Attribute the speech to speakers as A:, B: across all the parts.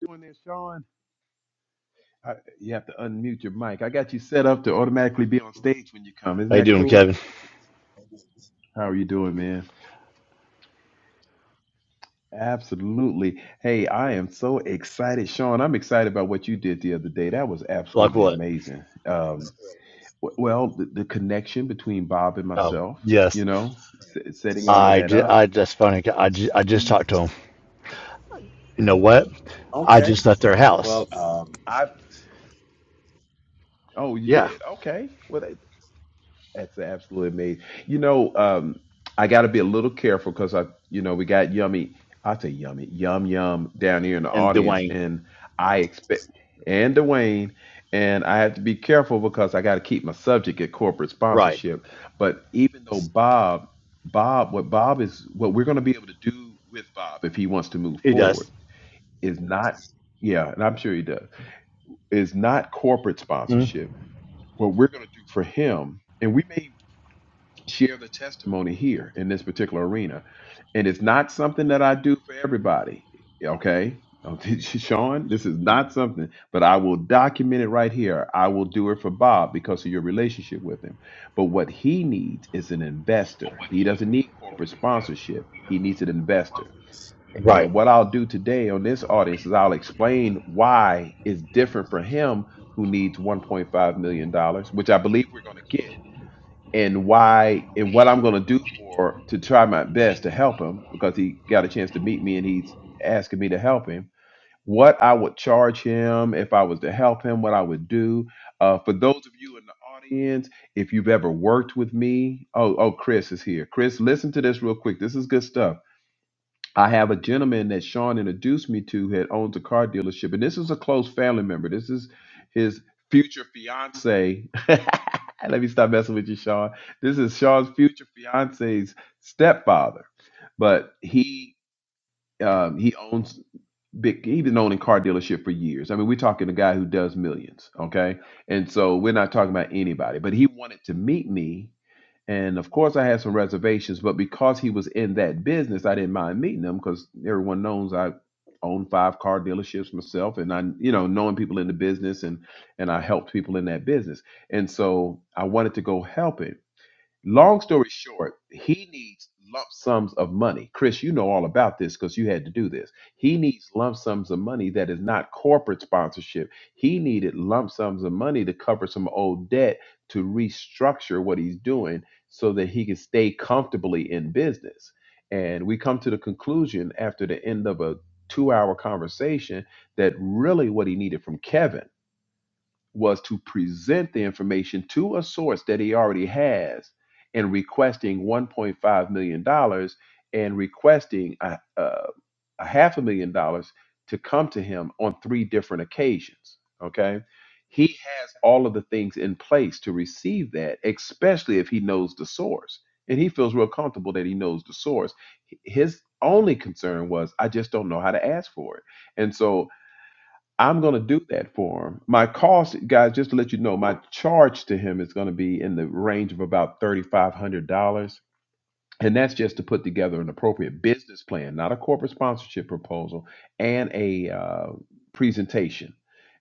A: doing there, Sean? I, you have to unmute your mic. I got you set up to automatically be on stage when you come. Isn't
B: How you
A: that
B: doing,
A: cool?
B: Kevin?
A: How are you doing, man? Absolutely. Hey, I am so excited, Sean. I'm excited about what you did the other day. That was
B: Like
A: absolutely
B: what?
A: amazing. Um, w- well, the, the connection between Bob and
B: Oh,
A: myself, you
B: yes.
A: know, s- setting all of
B: I,
A: that
B: ju-
A: up.
B: I that's funny. I, ju- I just
A: He's
B: talked to him. You know what? I
A: Okay.
B: just left their house.
A: Well, um, I. Oh, you
B: Yeah.
A: did. Okay. Well, That's absolutely amazing. You know, um, I got to be a little careful because I, you know, we got yummy. I say yummy, yum yum down here in the
B: And
A: audience,
B: Dwayne,
A: and I expect and Dwayne, and I have to be careful because I got to keep my subject at corporate
B: right?
A: sponsorship. But even though Bob, Bob, what Bob is, what we're going to be able to do with Bob if he wants to move
B: He does.
A: forward is not, yeah, and I'm sure he does, is not corporate
B: Mm,
A: sponsorship. What we're going to do for him, and we may share the testimony here in this particular arena. And it's not something that I do for everybody. Okay. Okay, Sean, this is not something, but I will document it right here. I will do it for Bob because of your relationship with him. But what he needs is an investor. He doesn't need corporate sponsorship, he needs an investor.
B: Right.
A: And what I'll do today on this audience is I'll explain why it's different for him who needs $1.5 million, dollars, which I believe we're going to get and why and what I'm going to do for to try my best to help him because he got a chance to meet me and he's asking me to help him. What I would charge him if I was to help him, what I would do. Uh, for those of you in the audience, if you've ever worked with me, oh, oh, Chris is here. Chris, listen to this real quick. This is good stuff I have a gentleman that Sean introduced me to that owns a car dealership, and this is a close family member. This is his future fiance. Let me stop messing with you, Sean. This is Sean's future fiance's stepfather, but he um, he owns big. He's been owning car dealership for years. I mean, we're talking a guy who does millions. Okay, and so we're not talking about anybody. But he wanted to meet me and of course, I had some reservations, but because he was in that business, I didn't mind meeting him because everyone knows I own five car dealerships myself, and I, you know, knowing people in the business and and I helped people in that business, and so I wanted to go help him. Long story short, he needs lump sums of money. Chris, you know all about this because you had to do this. He needs lump sums of money that is not corporate sponsorship. He needed lump sums of money to cover some old debt to restructure what he's doing so that he can stay comfortably in business. And we come to the conclusion after the end of a two hour conversation that really what he needed from Kevin was to present the information to a source that he already has and requesting $1.5 million dollars and requesting a, a, a half a million dollars to come to him on three different occasions. Okay. He has all of the things in place to receive that, especially if he knows the source. And he feels real comfortable that he knows the source. H- His only concern was, I just don't know how to ask for it. And so I'm going to do that for him. My cost, guys, just to let you know, my charge to him is going to be in the range of about $3,500. And that's just to put together an appropriate business plan, not a corporate sponsorship proposal, and a uh, presentation.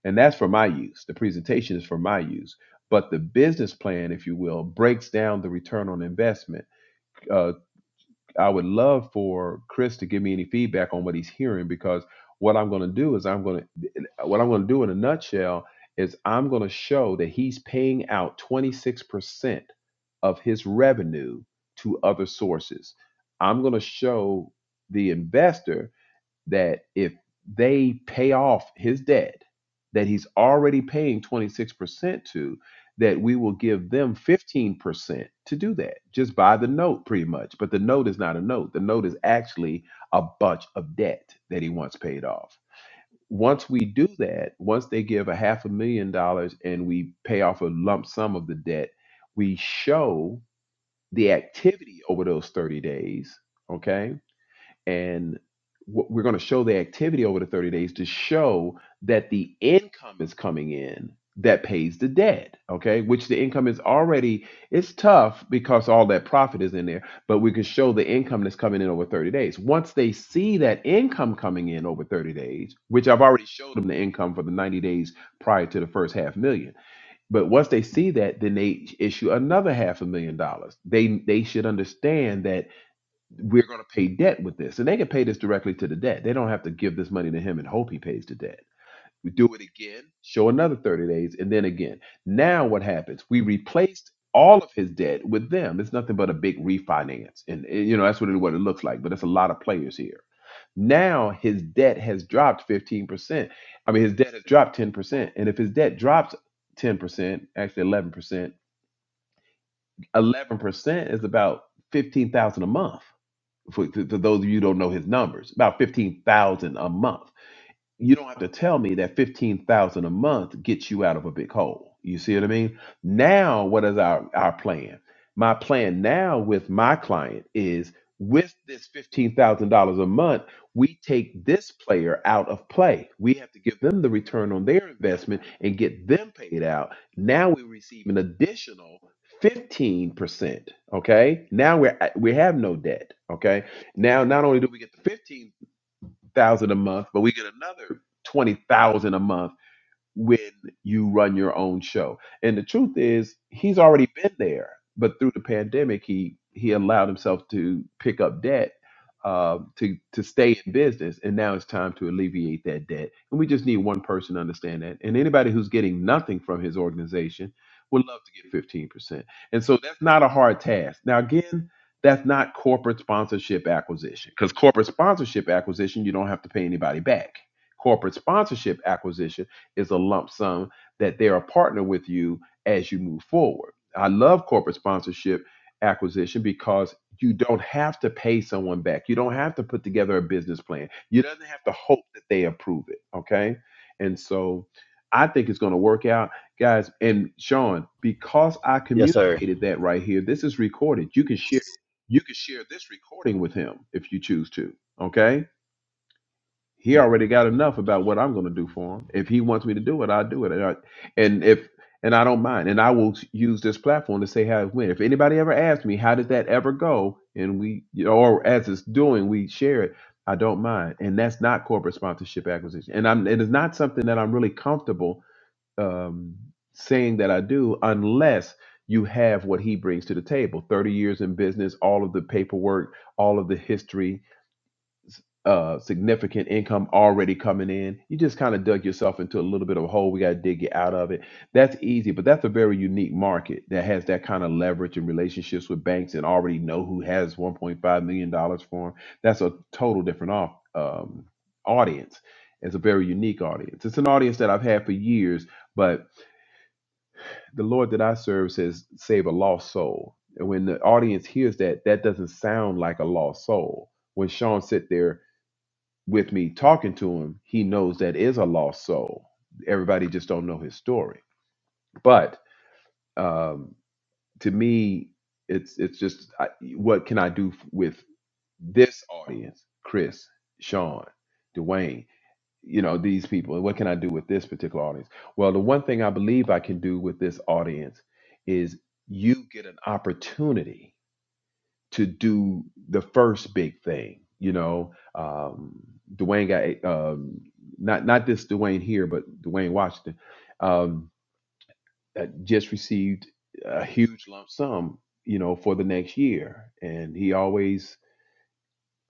A: And that's for my use. The presentation is for my use. But the business plan, if you will, breaks down the return on investment. uh, I would love for Chris to give me any feedback on what he's hearing because what I'm going to do is I'm going to what I'm going to do in a nutshell is I'm going to show that he's paying out 26% of his revenue to other sources. I'm going to show the investor that if they pay off his debt that he's already paying 26% to, that we will give them 15% to do that just by the note pretty much. But the note is not a note. The note is actually a bunch of debt that he wants paid off. Once we do that, once they give a half a million dollars and we pay off a lump sum of the debt, we show the activity over those 30 days, okay? and what we're going to show the activity over the 30 days to show that the income is coming in that pays the debt okay which the income is already it's tough because all that profit is in there but we can show the income that's coming in over 30 days once they see that income coming in over 30 days which i've already showed them the income for the 90 days prior to the first half million but once they see that then they issue another half a million dollars they they should understand that we're going to pay debt with this. And they can pay this directly to the debt. They don't have to give this money to him and hope he pays the debt. We do it again, show another 30 days, and then again. Now what happens? We replaced all of his debt with them. It's nothing but a big refinance. And, eh, you know, that's what it, what it looks like. But it's a lot of players here. Now his debt has dropped 15%. I mean, his debt has dropped 10%. And if his debt drops 10%, actually 11%, 11% is about 15,000 a month for, to, those of you who don't know his numbers, about 15,000 a month you don't have to tell me that 15,000 a month gets you out of a big hole. You see what I mean? Now, what is our, our plan? My plan now with my client is with this $15,000 a month, we take this player out of play. We have to give them the return on their investment and get them paid out. Now we receive an additional 15%, okay? Now we're at- we have no debt, okay? Now not only do we get the 15 thousand a month, but we get another twenty thousand a month when you run your own show. And the truth is, he's already been there, but through the pandemic, he he allowed himself to pick up debt uh, to to stay in business, and now it's time to alleviate that debt. And we just need one person to understand that. And anybody who's getting nothing from his organization would love to get fifteen percent. And so that's not a hard task. Now again. That's not corporate sponsorship acquisition because corporate sponsorship acquisition, you don't have to pay anybody back. Corporate sponsorship acquisition, is a lump sum that they're a partner with you as you move forward. I love corporate sponsorship acquisition because you don't have to pay someone back. You don't have to put together a business plan. You don't have to hope that they approve it. Okay. And so I think it's going to work out, guys. And Sean, because I
B: Yes, sir.
A: communicated that right here, this is recorded. You can share you can share this recording with him if you choose to. Okay? He already got enough about what I'm going to do for him. If he wants me to do it, I'll do it. And, I, and if and I don't mind. And I will use this platform to say how it went. If anybody ever asks me how did that ever go, and we or as it's doing, we share it. I don't mind. And that's not corporate sponsorship acquisition. And I'm it is not something that I'm really comfortable um, saying that I do unless you have what he brings to the table 30 years in business all of the paperwork all of the history uh, significant income already coming in. You just kind of dug yourself into a little bit of a hole. We got to dig you out of it. That's easy, but that's a very unique market that has that kind of leverage and relationships with banks and already know who has $1.5 million dollars for them. That's a total different off, um, audience. It's a very unique audience. It's an audience that I've had for years, but the Lord that I serve says, save a lost soul. And when the audience hears that, that doesn't sound like a lost soul. When Sean sit there with me talking to him, he knows that is a lost soul. Everybody just don't know his story. But um, to me, it's it's just I, what can I do f- with this audience, Chris, Sean, Dwayne, you know these people, what can I do with this particular audience? Well, the one thing I believe I can do with this audience is you get an opportunity to do the first big thing. You know, um, Dwayne got um, not not this Dwayne here, but Dwayne Washington um, uh, just received a huge lump sum. You know, for the next year, and he always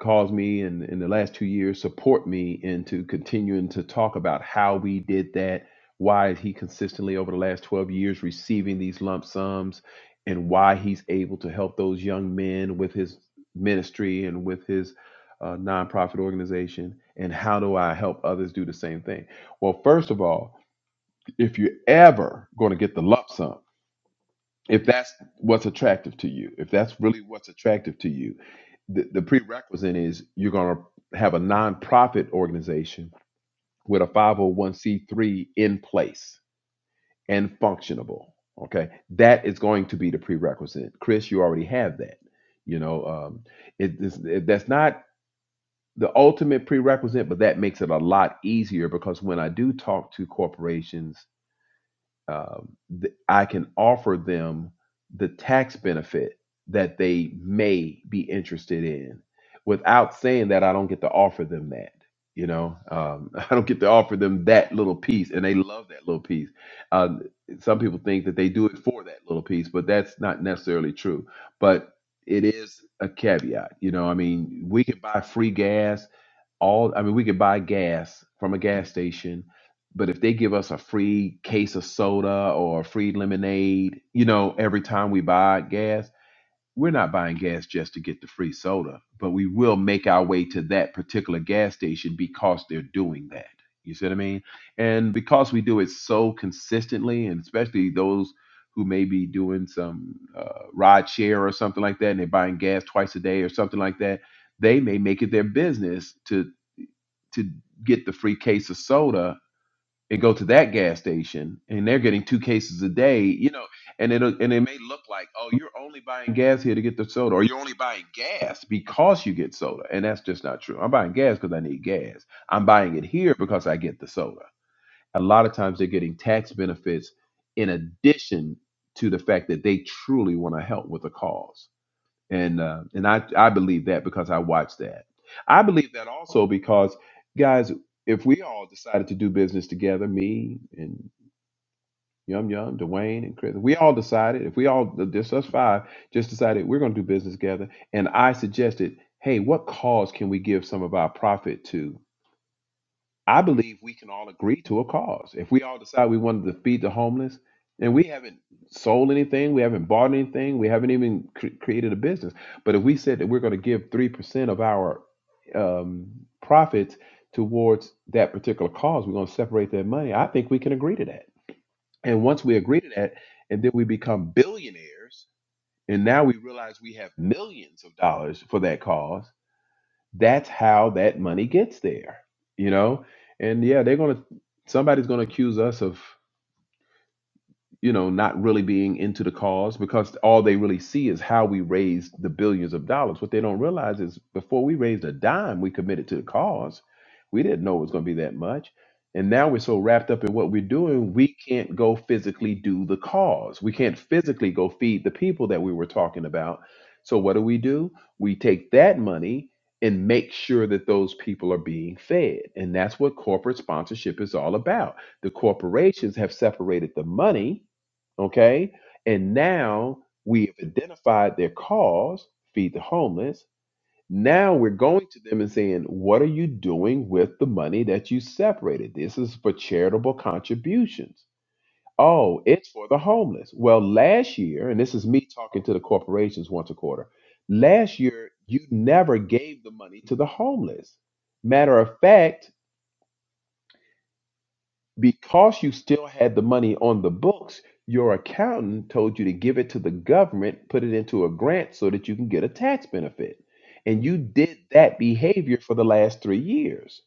A: caused me and in the last two years support me into continuing to talk about how we did that why is he consistently over the last 12 years receiving these lump sums and why he's able to help those young men with his ministry and with his uh, nonprofit organization and how do i help others do the same thing well first of all if you're ever going to get the lump sum if that's what's attractive to you if that's really what's attractive to you the, the prerequisite is you're going to have a nonprofit organization with a 501c3 in place and functionable. Okay, that is going to be the prerequisite. Chris, you already have that. You know, um, it, it's- it- that's not the ultimate prerequisite, but that makes it a lot easier because when I do talk to corporations um, th- I can offer them the tax benefit that they may be interested in without saying that I don't get to offer them that. You know, um, I don't get to offer them that little piece, and they love that little piece. Um, some people think that they do it for that little piece, but that's not necessarily true. But it is a caveat. You know, I mean, we can buy free gas all I mean we could buy gas from a gas station, but if they give us a free case of soda or a free lemonade, you know, every time we buy gas, we're not buying gas just to get the free soda, but we will make our way to that particular gas station because they're doing that. You see what I mean? And because we do it so consistently, and especially those who may be doing some uh, ride share or something like that, and they're buying gas twice a day or something like that, they may make it their business to get the free case of soda and go to that gas station and they're getting two cases a day, you know, and it'll and it may look like, oh, you're only buying gas here to get the soda, or you're only buying gas because you get soda. And that's just not true. I'm buying gas because I need gas. I'm buying it here because I get the soda. A lot of times they're getting tax benefits in addition to the fact that they truly want to help with the cause and uh, and I I believe that because I watched that. I believe that also because guys, if we all decided to do business together, me and Yum Yum, Dwayne and Chris, we all decided if we all just us five just decided we're going to do business together, and I suggested, hey, what cause can we give some of our profit to? I believe we can all agree to a cause. If we all decide we wanted to feed the homeless, and we haven't sold anything, we haven't bought anything, we haven't even cre- created a business. But if we said that we're going to give 3% of our um, profits towards that particular cause, we're going to separate that money, I think we can agree to that. And once we agree to that, and then we become billionaires, and now we realize we have millions of dollars for that cause that's how that money gets there you know and yeah they're gonna somebody's gonna accuse us of you know, not really being into the cause because all they really see is how we raised the billions of dollars. What they don't realize is before we raised a dime, we committed to the cause. We didn't know it was going to be that much. And now we're so wrapped up in what we're doing, we can't go physically do the cause. We can't physically go feed the people that we were talking about. So what do we do? We take that money and make sure that those people are being fed. And that's what corporate sponsorship is all about. The corporations have separated the money okay? And now we've identified their cause, feed the homeless. Now we're going to them and saying, What are you doing with the money that you separated? This is for charitable contributions. Oh, it's for the homeless. Well, last year, and this is me talking to the corporations once a quarter, last year, you never gave the money to the homeless. Matter of fact, because you still had the money on the books, your accountant told you to give it to the government, put it into a grant so that you can get a tax benefit. And you did that behavior for the last three years.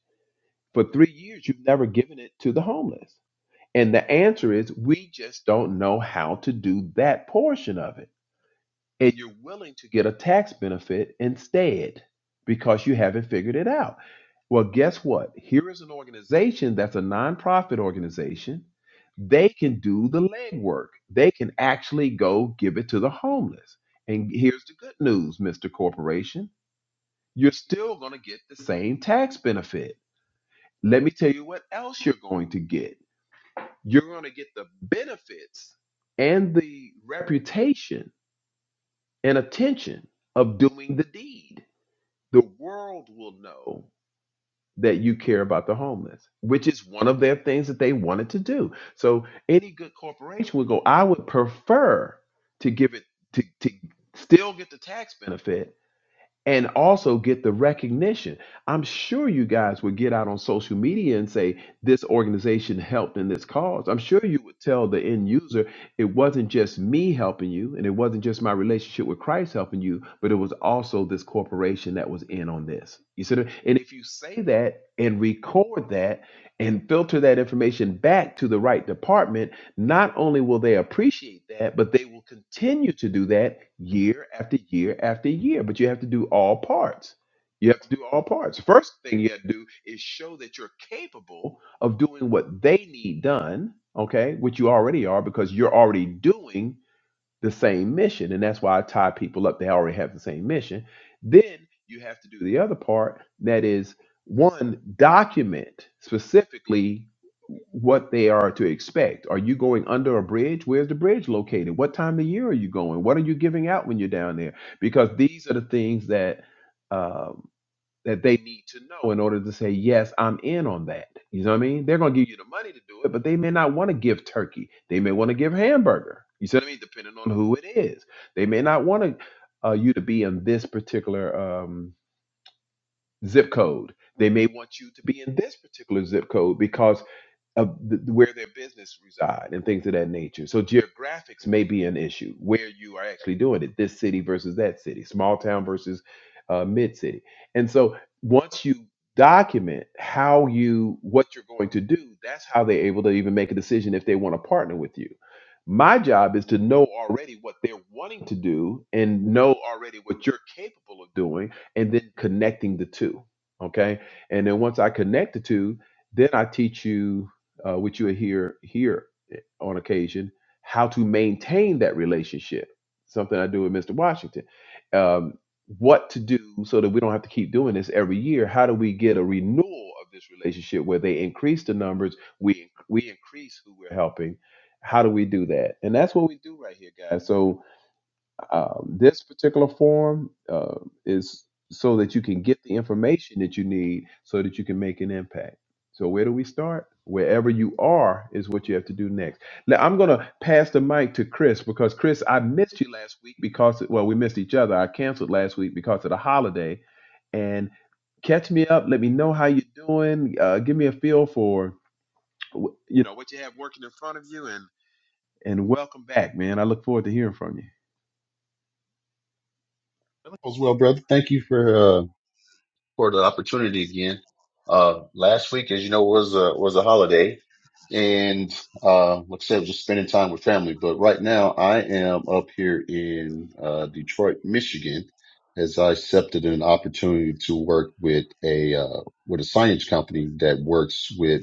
A: For three years, you've never given it to the homeless. And the answer is we just don't know how to do that portion of it and you're willing to get a tax benefit instead because you haven't figured it out. Well, guess what? Here is an organization that's a nonprofit organization. They can do the legwork. They can actually go give it to the homeless. And here's the good news, Mr. Corporation. You're still going to get the same tax benefit. Let me tell you what else you're going to get. You're going to get the benefits and the reputation and attention of doing the deed. The world will know that you care about the homeless, which is one of their things that they wanted to do. So any good corporation would go, I would prefer to give it to, to still get the tax benefit and also get the recognition. I'm sure you guys would get out on social media and say this organization helped in this cause. I'm sure you would tell the end user it wasn't just me helping you and it wasn't just my relationship with Christ helping you, but it was also this corporation that was in on this. You see, that? and if you say that and record that and filter that information back to the right department not only will they appreciate that, but they will continue to do that year after year after year. But you have to do all parts. You have to do all parts. First thing you have to do is show that you're capable of doing what they need done, okay, which you already are because you're already doing the same mission. And that's why I tie people up. They already have the same mission. Then you have to do the other part that is one, document specifically what they are to expect. Are you going under a bridge? Where's the bridge located? What time of year are you going? What are you giving out when you're down there? Because these are the things that. um, that they need to know in order to say, yes, I'm in on that. You know what I mean? They're going to give you the money to do it, but they may not want to give turkey. They may want to give hamburger. You see what I mean? Depending on who it is. They may not want to, uh, you to be in this particular um, zip code. They may want you to be in this particular zip code because of th- where their business reside and things of that nature. So geographics may be an issue where you are actually doing it. This city versus that city, small town versus uh, mid city. And so once you document how you what you're going to do, that's how they're able to even make a decision if they want to partner with you. My job is to know already what they're wanting to do and know already what you're capable of doing and then connecting the two. Okay. And then once I connect the two, then I teach you uh, which you hear here on occasion, how to maintain that relationship, something I do with Mr. Washington. Um, what to do so that we don't have to keep doing this every year. How do we get a renewal of this relationship where they increase the numbers, we we increase who we're helping? How do we do that? And that's what we do right here, guys. So um, this particular form uh, is so that you can get the information that you need so that you can make an impact. So, where do we start? Wherever you are is what you have to do next. Now, I'm going to pass the mic to Chris because, Chris, I missed you last week because, well, we missed each other. I canceled last week because of the holiday. And catch me up. Let me know how you're doing. Uh, give me a feel for, wh- you know, what you have working in front of you. And, and welcome back, man. I look forward to hearing from you.
C: As well, brother. Thank you for uh, for the opportunity again. Uh, last week, as you know, was a was a holiday, and uh, like I said, just spending time with family. But right now, I am up here in uh, Detroit, Michigan, as I accepted an opportunity to work with a uh, with a science company that works with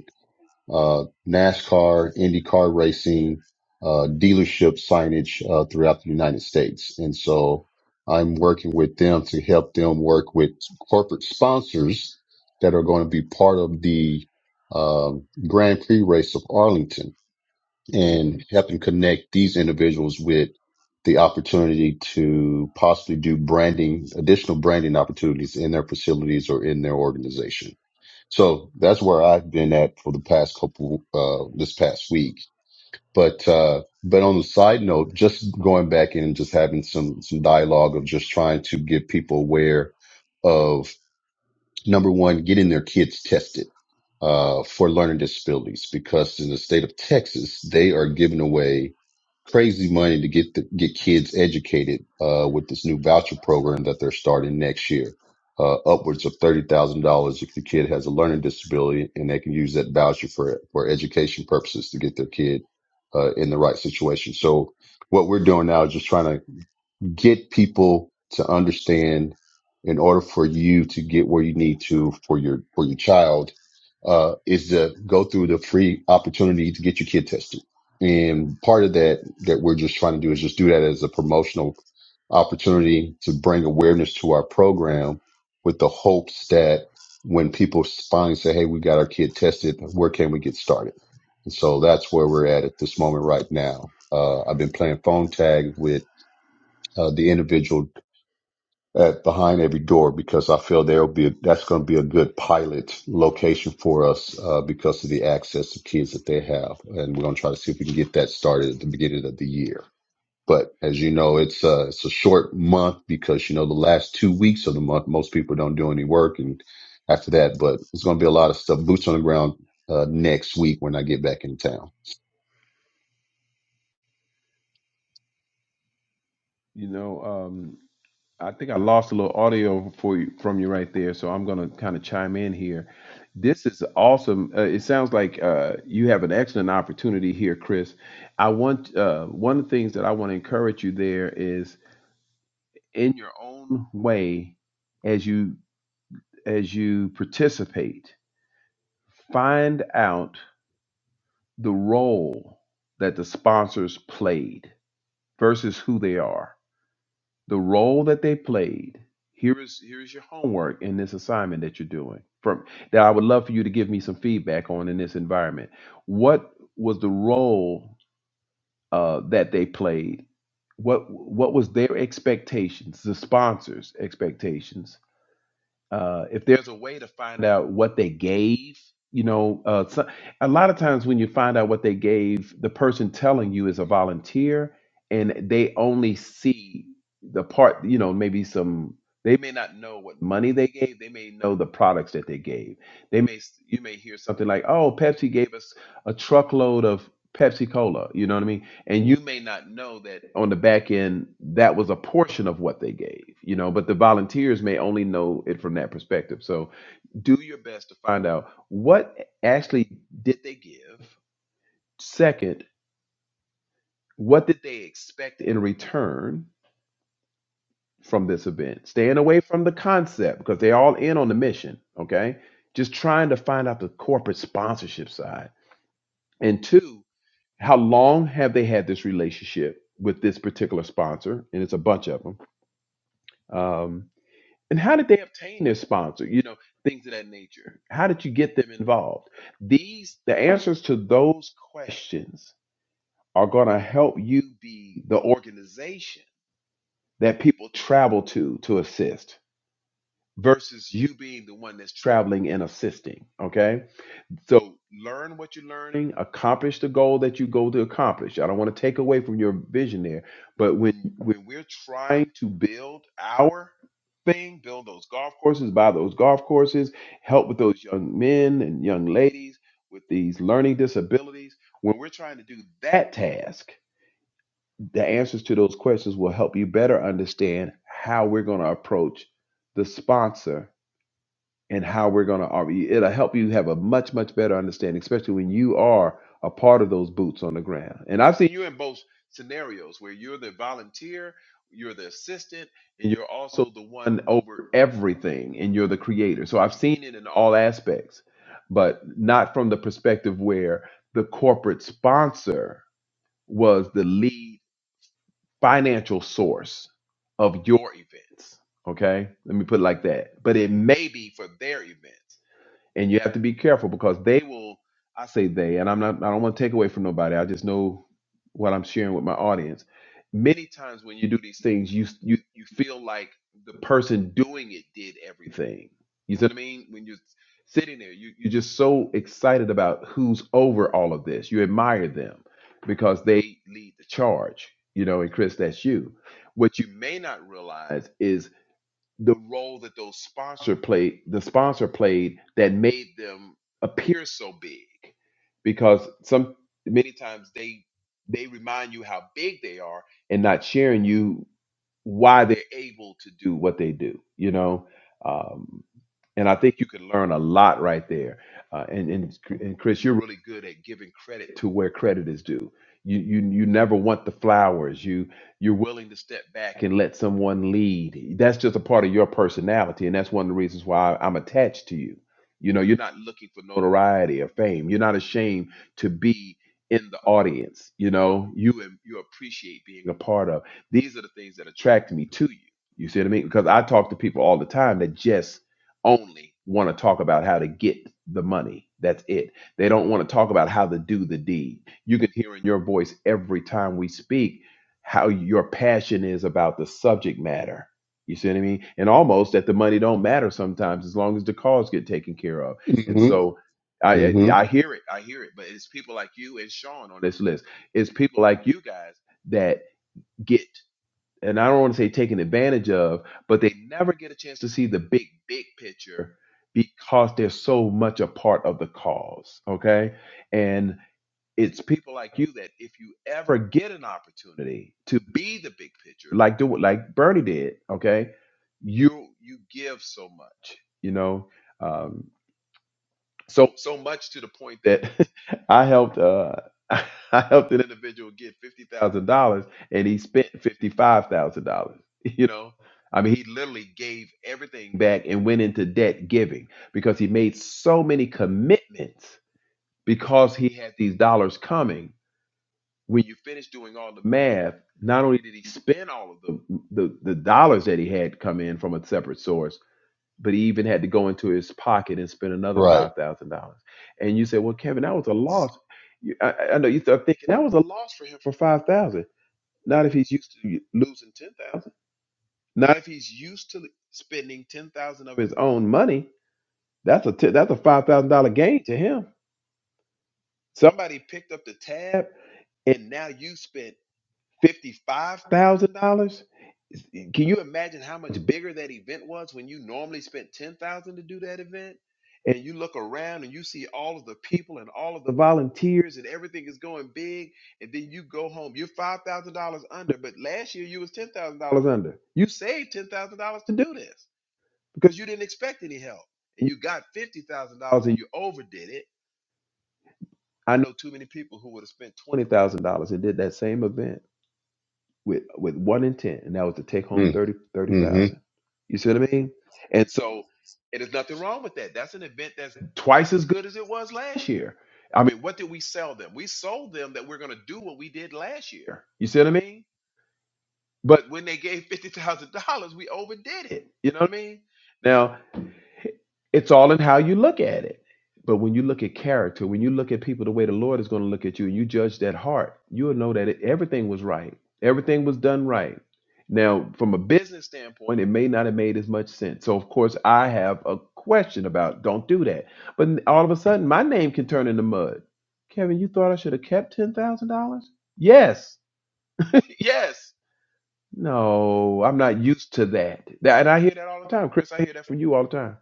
C: uh, NASCAR, IndyCar racing, uh, dealership signage, uh, throughout the United States. And so I'm working with them to help them work with corporate sponsors that are going to be part of the, um, Grand Prix race of Arlington
A: Mm-hmm.
C: and helping connect these individuals with the opportunity to possibly do branding, additional branding opportunities in their facilities or in their organization. So that's where I've been at for the past couple, uh, this past week. But, uh, but on the side note, just going back in and just having some, some dialogue of just trying to get people aware of. Number one, getting their kids tested uh, for learning disabilities because in the state of Texas, they are giving away crazy money to get the, get kids educated uh, with this new voucher program that they're starting next year. Uh, upwards of thirty thousand dollars if your kid has a learning disability, and they can use that voucher for for education purposes to get their kid uh, in the right situation. So what we're doing now is just trying to get people to understand in order for you to get where you need to for your for your child uh, is to go through the free opportunity to get your kid tested. And part of that that we're just trying to do is just do that as a promotional opportunity to bring awareness to our program with the hopes that when people finally say, Hey, we got our kid tested, where can we get started? And so that's where we're at at this moment right now. Uh, I've been playing phone tag with uh, the individual at behind every door because I feel there will be a, that's going to be a good pilot location for us uh, because of the access to kids that they have, and we're going to try to see if we can get that started at the beginning of the year. But as you know, it's a it's a short month because you know the last two weeks of the month most people don't do any work, and after that, but it's going to be a lot of stuff boots on the ground uh, next week when I get back in town.
A: You know, um, I think I lost a little audio for you, from you right there, so I'm going to kind of chime in here. This is awesome. Uh, it sounds like uh, you have an excellent opportunity here, Chris. I want uh, one of the things that I want to encourage you there is in your own way as you as you participate, find out the role that the sponsors played versus who they are the role that they played. Here is here is your homework in this assignment that you're doing. From that, I would love for you to give me some feedback on in this environment. What was the role uh, that they played? What what was their expectations? The sponsors' expectations uh, if there's a way to find out what they gave, you know, uh, so, a lot of times when you find out what they gave, the person telling you is a volunteer, and they only see the part, you know, maybe some. They may not know what money they gave. They may know the products that they gave. They may you may hear something like, "Oh, Pepsi gave us a truckload of Pepsi Cola." You know what I mean? and you may not know that on the back end that was a portion of what they gave you know but the volunteers may only know it from that perspective so do your best to find out what actually did they give second what did they expect in return from this event staying away from the concept because they're all in on the mission okay just trying to find out the corporate sponsorship side and two how long have they had this relationship with this particular sponsor and it's a bunch of them Um, and how did they obtain their sponsor? You know, things of that nature. How did you get them involved? These, the answers to those questions are going to help you be the organization that people travel to to assist versus you being the one that's traveling and assisting. Okay so learn what you're learning, accomplish the goal that you go to accomplish. I don't want to take away from your vision there, but when when we're trying to build our thing, build those golf courses, buy those golf courses, help with those young men and young ladies with these learning disabilities, when we're trying to do that task, the answers to those questions will help you better understand how we're going to approach the sponsor and how we're going to operate. It'll help you have a much, much better understanding, especially when you are a part of those boots on the ground. And I've seen you in both scenarios where you're the volunteer, you're the assistant, and you're also the one over everything, and you're the creator. So I've seen it in all aspects, but not from the perspective where the corporate sponsor was the lead financial source of your events. Okay, let me put it like that. But it may be for their events and you have to be careful because they will i say they and i'm not i don't want to take away from nobody i just know what i'm sharing with my audience many times when you do these things you you, you feel like the person doing it did everything you see what i mean when you're sitting there you, you're just so excited about who's over all of this you admire them because they lead the charge you know and chris that's you what you may not realize is the role that those sponsor played the sponsor played that made them appear so big because some many times they they remind you how big they are and not sharing you why they're able to do what they do you know Um, and I think you can learn a lot right there. Uh, and, and and Chris, you're really good at giving credit to where credit is due. You you you never want the flowers. You you're willing to step back and let someone lead. That's just a part of your personality, and that's one of the reasons why I'm attached to you. You know, you're not looking for notoriety or fame. You're not ashamed to be in the audience. You know, you you appreciate being a part of. These are the things that attract me to you. You see what I mean? Because I talk to people all the time that just only want to talk about how to get the money. That's it. They don't want to talk about how to do the deed. You can hear in your voice every time we speak how your passion is about the subject matter. You see what I mean? And almost that the money don't matter sometimes as long as the cause get taken care of. And
C: Mm-hmm.
A: so I I I
C: Mm-hmm.
A: hear it. I hear it. But it's people like you and Sean on this list. It's people like you guys that get and I don't want to say taken advantage of, but they never get a chance to see the big, big picture because they're so much a part of the cause. Okay. And it's people like you that if you ever get an opportunity to be the big picture, like do like Bernie did, okay, you you give so much, you know. Um, so so much to the point that I helped uh I helped an individual get fifty thousand dollars and he spent fifty five thousand dollars. You know, I mean, he literally gave everything back and went into debt giving because he made so many commitments because he had these dollars coming. When you finish doing all the math, not only did he spend all of the the, the dollars that he had come in from a separate source but he even had to go into his pocket and spend another
C: Right.
A: five thousand dollars. And you say, "Well, Kevin, that was a loss." You, I, I I know you start thinking that was a loss for him for five thousand. Not if he's used to losing ten thousand. Not if he's used to spending ten thousand of his own money. That's a t- that's a five thousand dollar gain to him. Somebody picked up the tab, and now you spent fifty five thousand dollars Can you imagine how much bigger that event was when you normally spent 10,000 to do that event? And you look around and you see all of the people and all of the volunteers and everything is going big. And then you go home. You're $5,000 under, but last year you was $10,000 under. You saved $10,000 to do this because you didn't expect any help. And you got $50,000 and you overdid it. I know too many people who would have spent $20,000 and did that same event with with one intent, and that was to take home 30 thirty
C: Mm-hmm.
A: thousand. You see what I mean? And so and there's nothing wrong with that. That's an event that's twice as good as it was last year. I mean, what did we sell them? We sold them that we're going to do what we did last year. You see what I mean? But when they gave fifty thousand dollars, we overdid it. You know what I mean? Now it's all in how you look at it. But when you look at character, when you look at people the way the Lord is going to look at you, and you judge that heart, you'll know that it, everything was right. Everything was done right. Now, from a business standpoint, it may not have made as much sense. So, of course, I have a question about don't do that. But n- all of a sudden, my name can turn into mud. Kevin, you thought I should have kept $10,000? Yes. yes. No, I'm not used to that. That- And I hear that all the time. Chris, I hear that from you all the time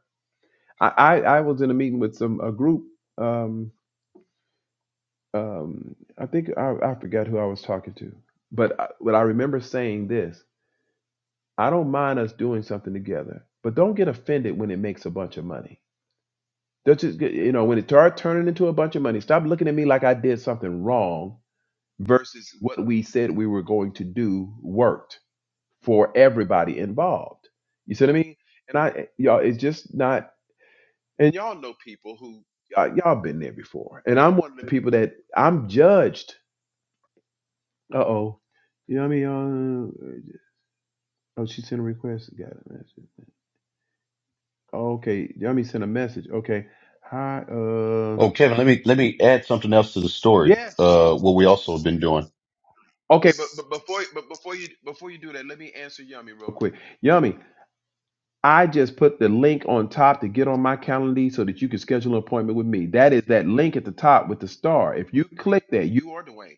A: I, I I was in a meeting with some a group. Um, um, I think I, I forgot who I was talking to, but I, but I remember saying this: I don't mind us doing something together, but don't get offended when it makes a bunch of money. That's just get- you know when it starts turning into a bunch of money. Stop looking at me like I did something wrong. Versus what we said we were going to do worked for everybody involved. You see what I mean? And I y'all, it's just not. And y'all know people who uh, y'all been there before. And I'm one of the people that I'm judged. Uh oh. You know what I mean? Uh, oh, she sent a request. Got a message. Oh, okay. You know what I mean? Sent a message. Okay. Hi. Uh.
C: Oh, Kevin, let me let me add something else to the story.
A: Yes.
C: Uh, what we also have been doing.
A: Okay, but, but before but before you before you do that, let me answer Yummy real quick. Yummy, I just put the link on top to get on my calendar so that you can schedule an appointment with me. That is that link at the top with the star. If you click that, you are Dwayne.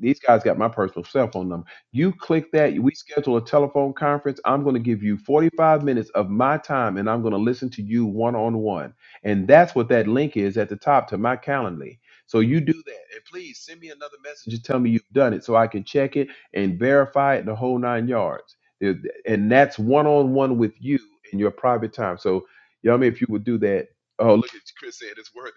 A: these guys got my personal cell phone number. You click that, we schedule a telephone conference. I'm going to give you 45 minutes of my time and I'm going to listen to you one on one. And that's what that link is at the top to my Calendly. So you do that. And please send me another message to tell me you've done it so I can check it and verify it the whole nine yards. There- And that's one on one with you in your private time. So, you know what I mean? If you would do that, oh, look at Chris saying it's worth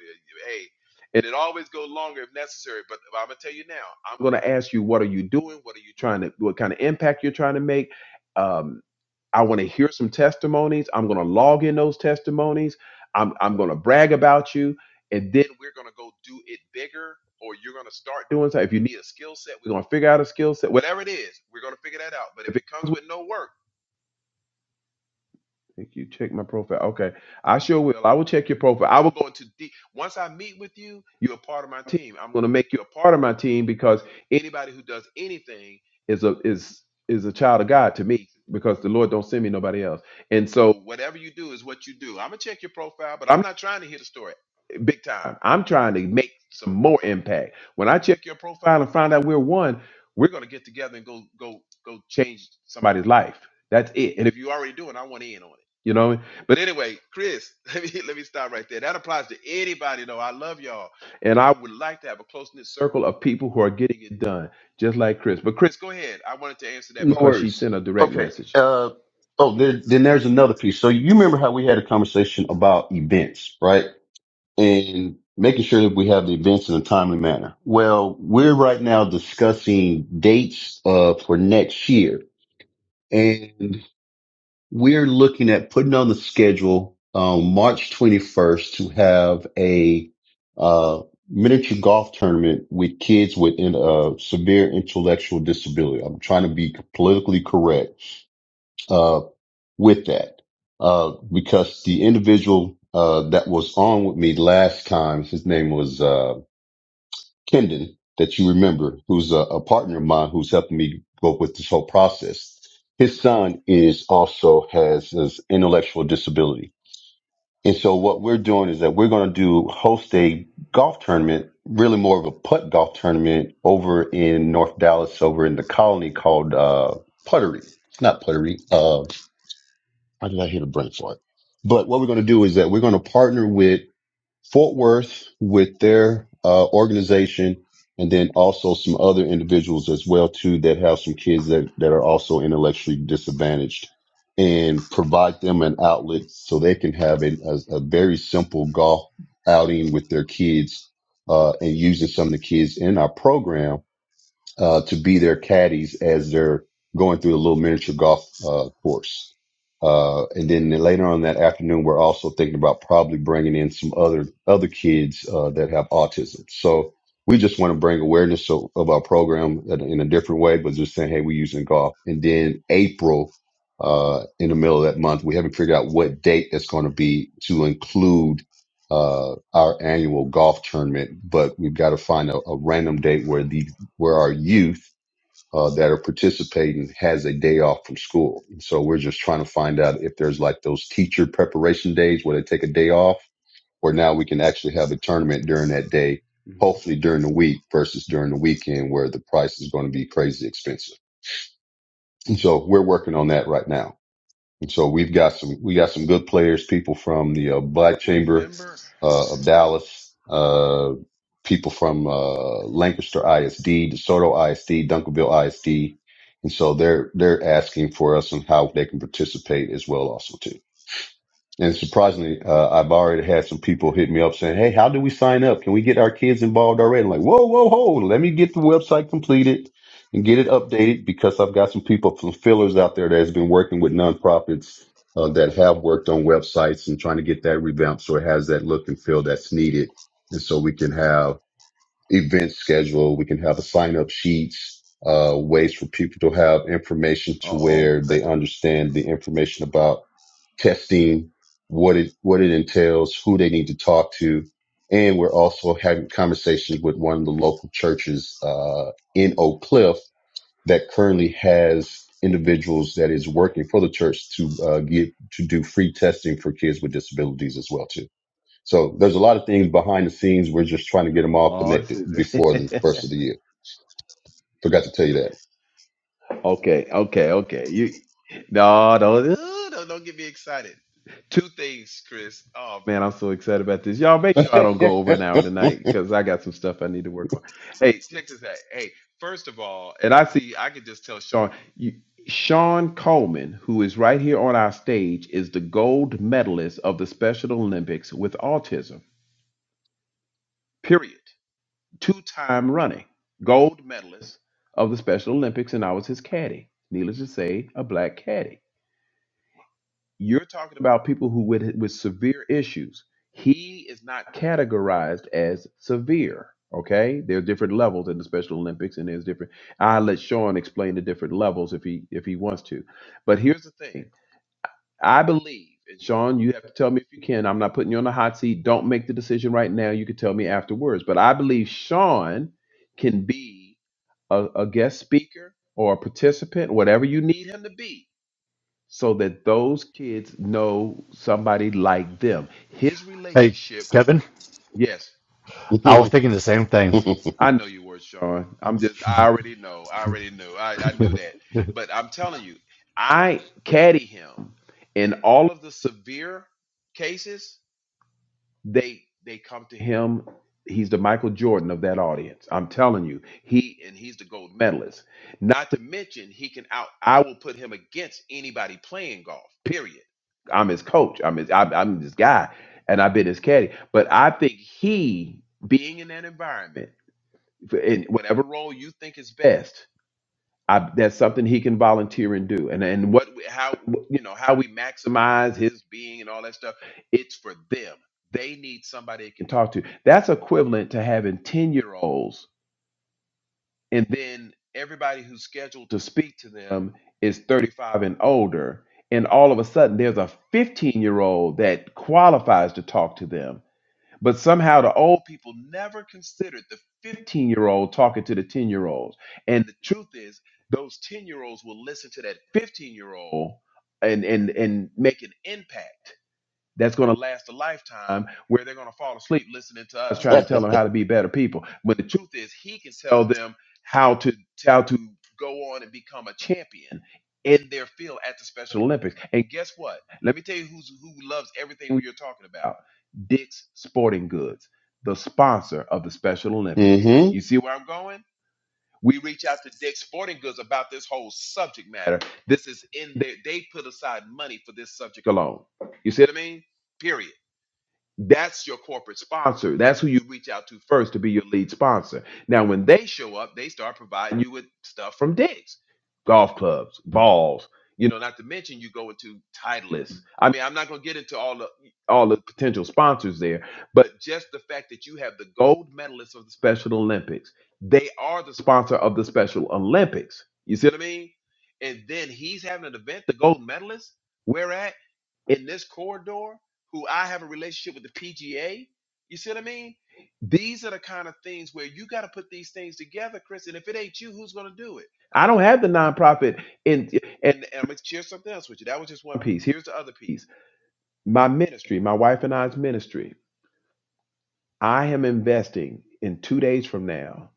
A: it. And it always goes longer if necessary. But I'm gonna tell you now. I'm gonna ask you, what are you doing? What are you trying to? What kind of impact you're trying to make? Um, I want to hear some testimonies. I'm gonna log in those testimonies. I'm I'm gonna brag about you, and then we're gonna go do it bigger. Or you're gonna start doing something. If you need a skill set, we're gonna figure out a skill set. Whatever it is, we're gonna figure that out. But if it comes with no work. Thank you. Check my profile. Okay. I sure will. I will check your profile. I will go into deep. Once I meet with you, you're a part of my team. I'm going to make you a part of my team because anybody who does anything is a is is a child of God to me because the Lord don't send me nobody else. And so whatever you do is what you do. I'm going to check your profile, but I'm not trying to hit a story eh, big time. I'm trying to make some more impact. When I check your profile and find out we're one, we're going to get together and go go go change somebody's life. That's it. And if you already do it, I want in on it. You know what I mean? But anyway, Chris, let me let me stop right there. That applies to anybody though. I love y'all. And I would like to have a close knit circle of people who are getting it done, just like Chris. But Chris, go ahead. I wanted to answer that
C: No
A: because she
C: worries.
A: sent a direct
C: Okay.
A: message.
C: Uh, oh, then, then there's another piece. So you remember how we had a conversation about events, right? And making sure that we have the events in a timely manner. Well, we're right now discussing dates uh for next year, and. We're looking at putting on the schedule um, March 21st to have a uh, miniature golf tournament with kids with in, uh, severe intellectual disability. I'm trying to be politically correct uh, with that uh, because the individual uh, that was on with me last time, his name was. uh, Kendon that you remember, who's a, a partner of mine who's helping me go with this whole process. His son is also has this intellectual disability. And so what we're doing is that we're going to do host a golf tournament, really more of a putt golf tournament over in North Dallas, over in the colony called, uh, Puttery. It's not Puttery. Uh, how did I hit a brain fart? But what we're going to do is that we're going to partner with Fort Worth with their uh, organization, and then also some other individuals as well too that have some kids that that are also intellectually disadvantaged, and provide them an outlet so they can have a, a, a very simple golf outing with their kids, uh, and using some of the kids in our program uh, to be their caddies as they're going through the little miniature golf uh, course. Uh, and then later on that afternoon, we're also thinking about probably bringing in some other other kids uh, that have autism. So we just want to bring awareness of, of our program in, in a different way, but just saying, hey, we're using golf. And then April, uh, in the middle of that month, we haven't figured out what date that's going to be to include uh, our annual golf tournament, but we've got to find a, a random date where the where our youth uh, that are participating has a day off from school. And so we're just trying to find out if there's like those teacher preparation days where they take a day off, or now we can actually have a tournament during that day,
A: Mhm.
C: hopefully during the week versus during the weekend where the price is going to be crazy expensive. And so we're working on that right now. And so we've got some we got some good players, people from the uh,
A: Well,
C: Black Chamber
A: remember,
C: uh, of Dallas, uh, people from uh, Lancaster ISD, DeSoto ISD, Duncanville ISD, and so they're they're asking for us on how they can participate as well, also too. And surprisingly, uh, I've already had some people hit me up saying, "Hey, how do we sign up? Can we get our kids involved already?" I'm like, whoa, whoa, whoa! Let me get the website completed and get it updated because I've got some people, some fillers out there that has been working with nonprofits uh, that have worked on websites and trying to get that revamped so it has that look and feel that's needed, and so we can have events scheduled, we can have a sign up sheets, uh, ways for people to have information
A: uh
C: to
A: oh.
C: where they understand the information about testing what it what it entails, who they need to talk to, and we're also having conversations with one of the local churches uh, in Oak Cliff that currently has individuals that is working for the church to uh, get to do free testing for kids with disabilities as well too. So there's a lot of things behind the scenes. We're just trying to get them all
A: Oh,
C: connected
A: this
C: before the
A: is
C: first of the year. Forgot to tell you
A: Okay, okay, okay. You no, don't, uh, don't don't get me excited. Two things, Chris. Oh man, I'm so excited about this. Y'all make sure I don't go over an hour tonight
C: that.
A: because I got some stuff I need to work on. Hey, check this out. Hey, first of all, and I see I can just tell Sean you Sean Coleman, who is right here on our stage, is the gold medalist of the Special Olympics with autism. Period two time running gold medalist of the Special Olympics, and I was his caddy. Needless to say, a black caddy. You're talking about people who with with severe issues. He is not categorized as severe. Okay, there are different levels in the Special Olympics, and there's different. I'll let Sean explain the different levels if he if he wants to. But here's the thing: I believe, and Sean, you have to tell me if you can. I'm not putting you on the hot seat. Don't make the decision right now. You can tell me afterwards. But I believe Sean can be a, a guest speaker or a participant, whatever you need him to be, so that those kids know somebody like them. His
B: Hey,
A: relationship,
B: Kevin.
A: yes,
B: I was thinking the same thing.
C: hmm
A: I know your words, Sean. I'm just, I already know. I already knew. I, I knew that. But I'm telling you, I caddy him in all of the severe cases they they come to him he's the michael jordan of that audience i'm telling you he and he's the gold medalist not to mention he can out i will put him against anybody playing golf period i'm his coach i'm his i'm, I'm his guy and i've been his caddy but i think he being in that environment in whatever role you think is best I, that's something he can volunteer and do. And and what how you know how we maximize his being and all that stuff. It's for them. They need somebody they can talk to. That's equivalent to having ten year olds, and then everybody who's scheduled to speak to them is thirty five and older. And all of a sudden, there's a fifteen year old that qualifies to talk to them but somehow the old people never considered the 15 year old talking to the 10 year olds. And the truth is, those 10 year olds will listen to that 15 year old and, and, and make an impact that's going to last a lifetime where they're going to fall asleep listening to us trying to tell them how to be better people But the truth is he can tell them how to how to go on and become a champion in their field at the special olympics and guess what let me tell you who's who loves everything we are talking about dick's sporting goods the sponsor of the special olympics you see where i'm going we reach out to Dick's Sporting Goods about this whole subject matter. This is in there. They put aside money for this subject alone. You see what I mean? Period. That's your corporate sponsor. That's who you reach out to first to be your lead sponsor. Now, when they show up, they start providing you with stuff from digs, golf clubs, balls. You know, not to mention you go into Titleist. I mean, I'm not going to get into all the all the potential sponsors there, but just the fact that you have the gold medalists of the Special Olympics, they are the sponsor of the Special Olympics. You see what I mean? And then he's having an event, the gold medalists. Where at? in this corridor who I have a relationship with the PGA. You see what I mean? These are the kind of things where you got to put these things together, Chris. And if it ain't you, who's going to do it? I don't have the nonprofit. in. and, and I'm going to share something else with you. That was just one piece. Here's the other piece my ministry, my wife and I's ministry. I am investing in two days from now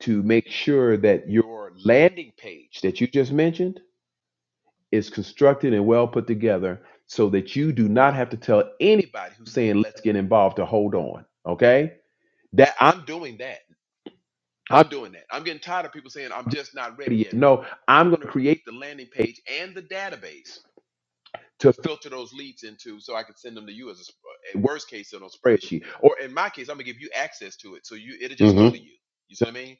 A: to make sure that your landing page that you just mentioned is constructed and well put together so that you do not have to tell anybody who's saying let's get involved to hold on okay that i'm doing that i'm doing that i'm getting tired of people saying i'm just not ready yet no i'm going to create the landing page and the database to filter those leads into so i can send them to you as a, sp- a worst case on a spreadsheet or in my case i'm going to give you access to it so you it'll just
C: hmm
A: go to you you see what i mean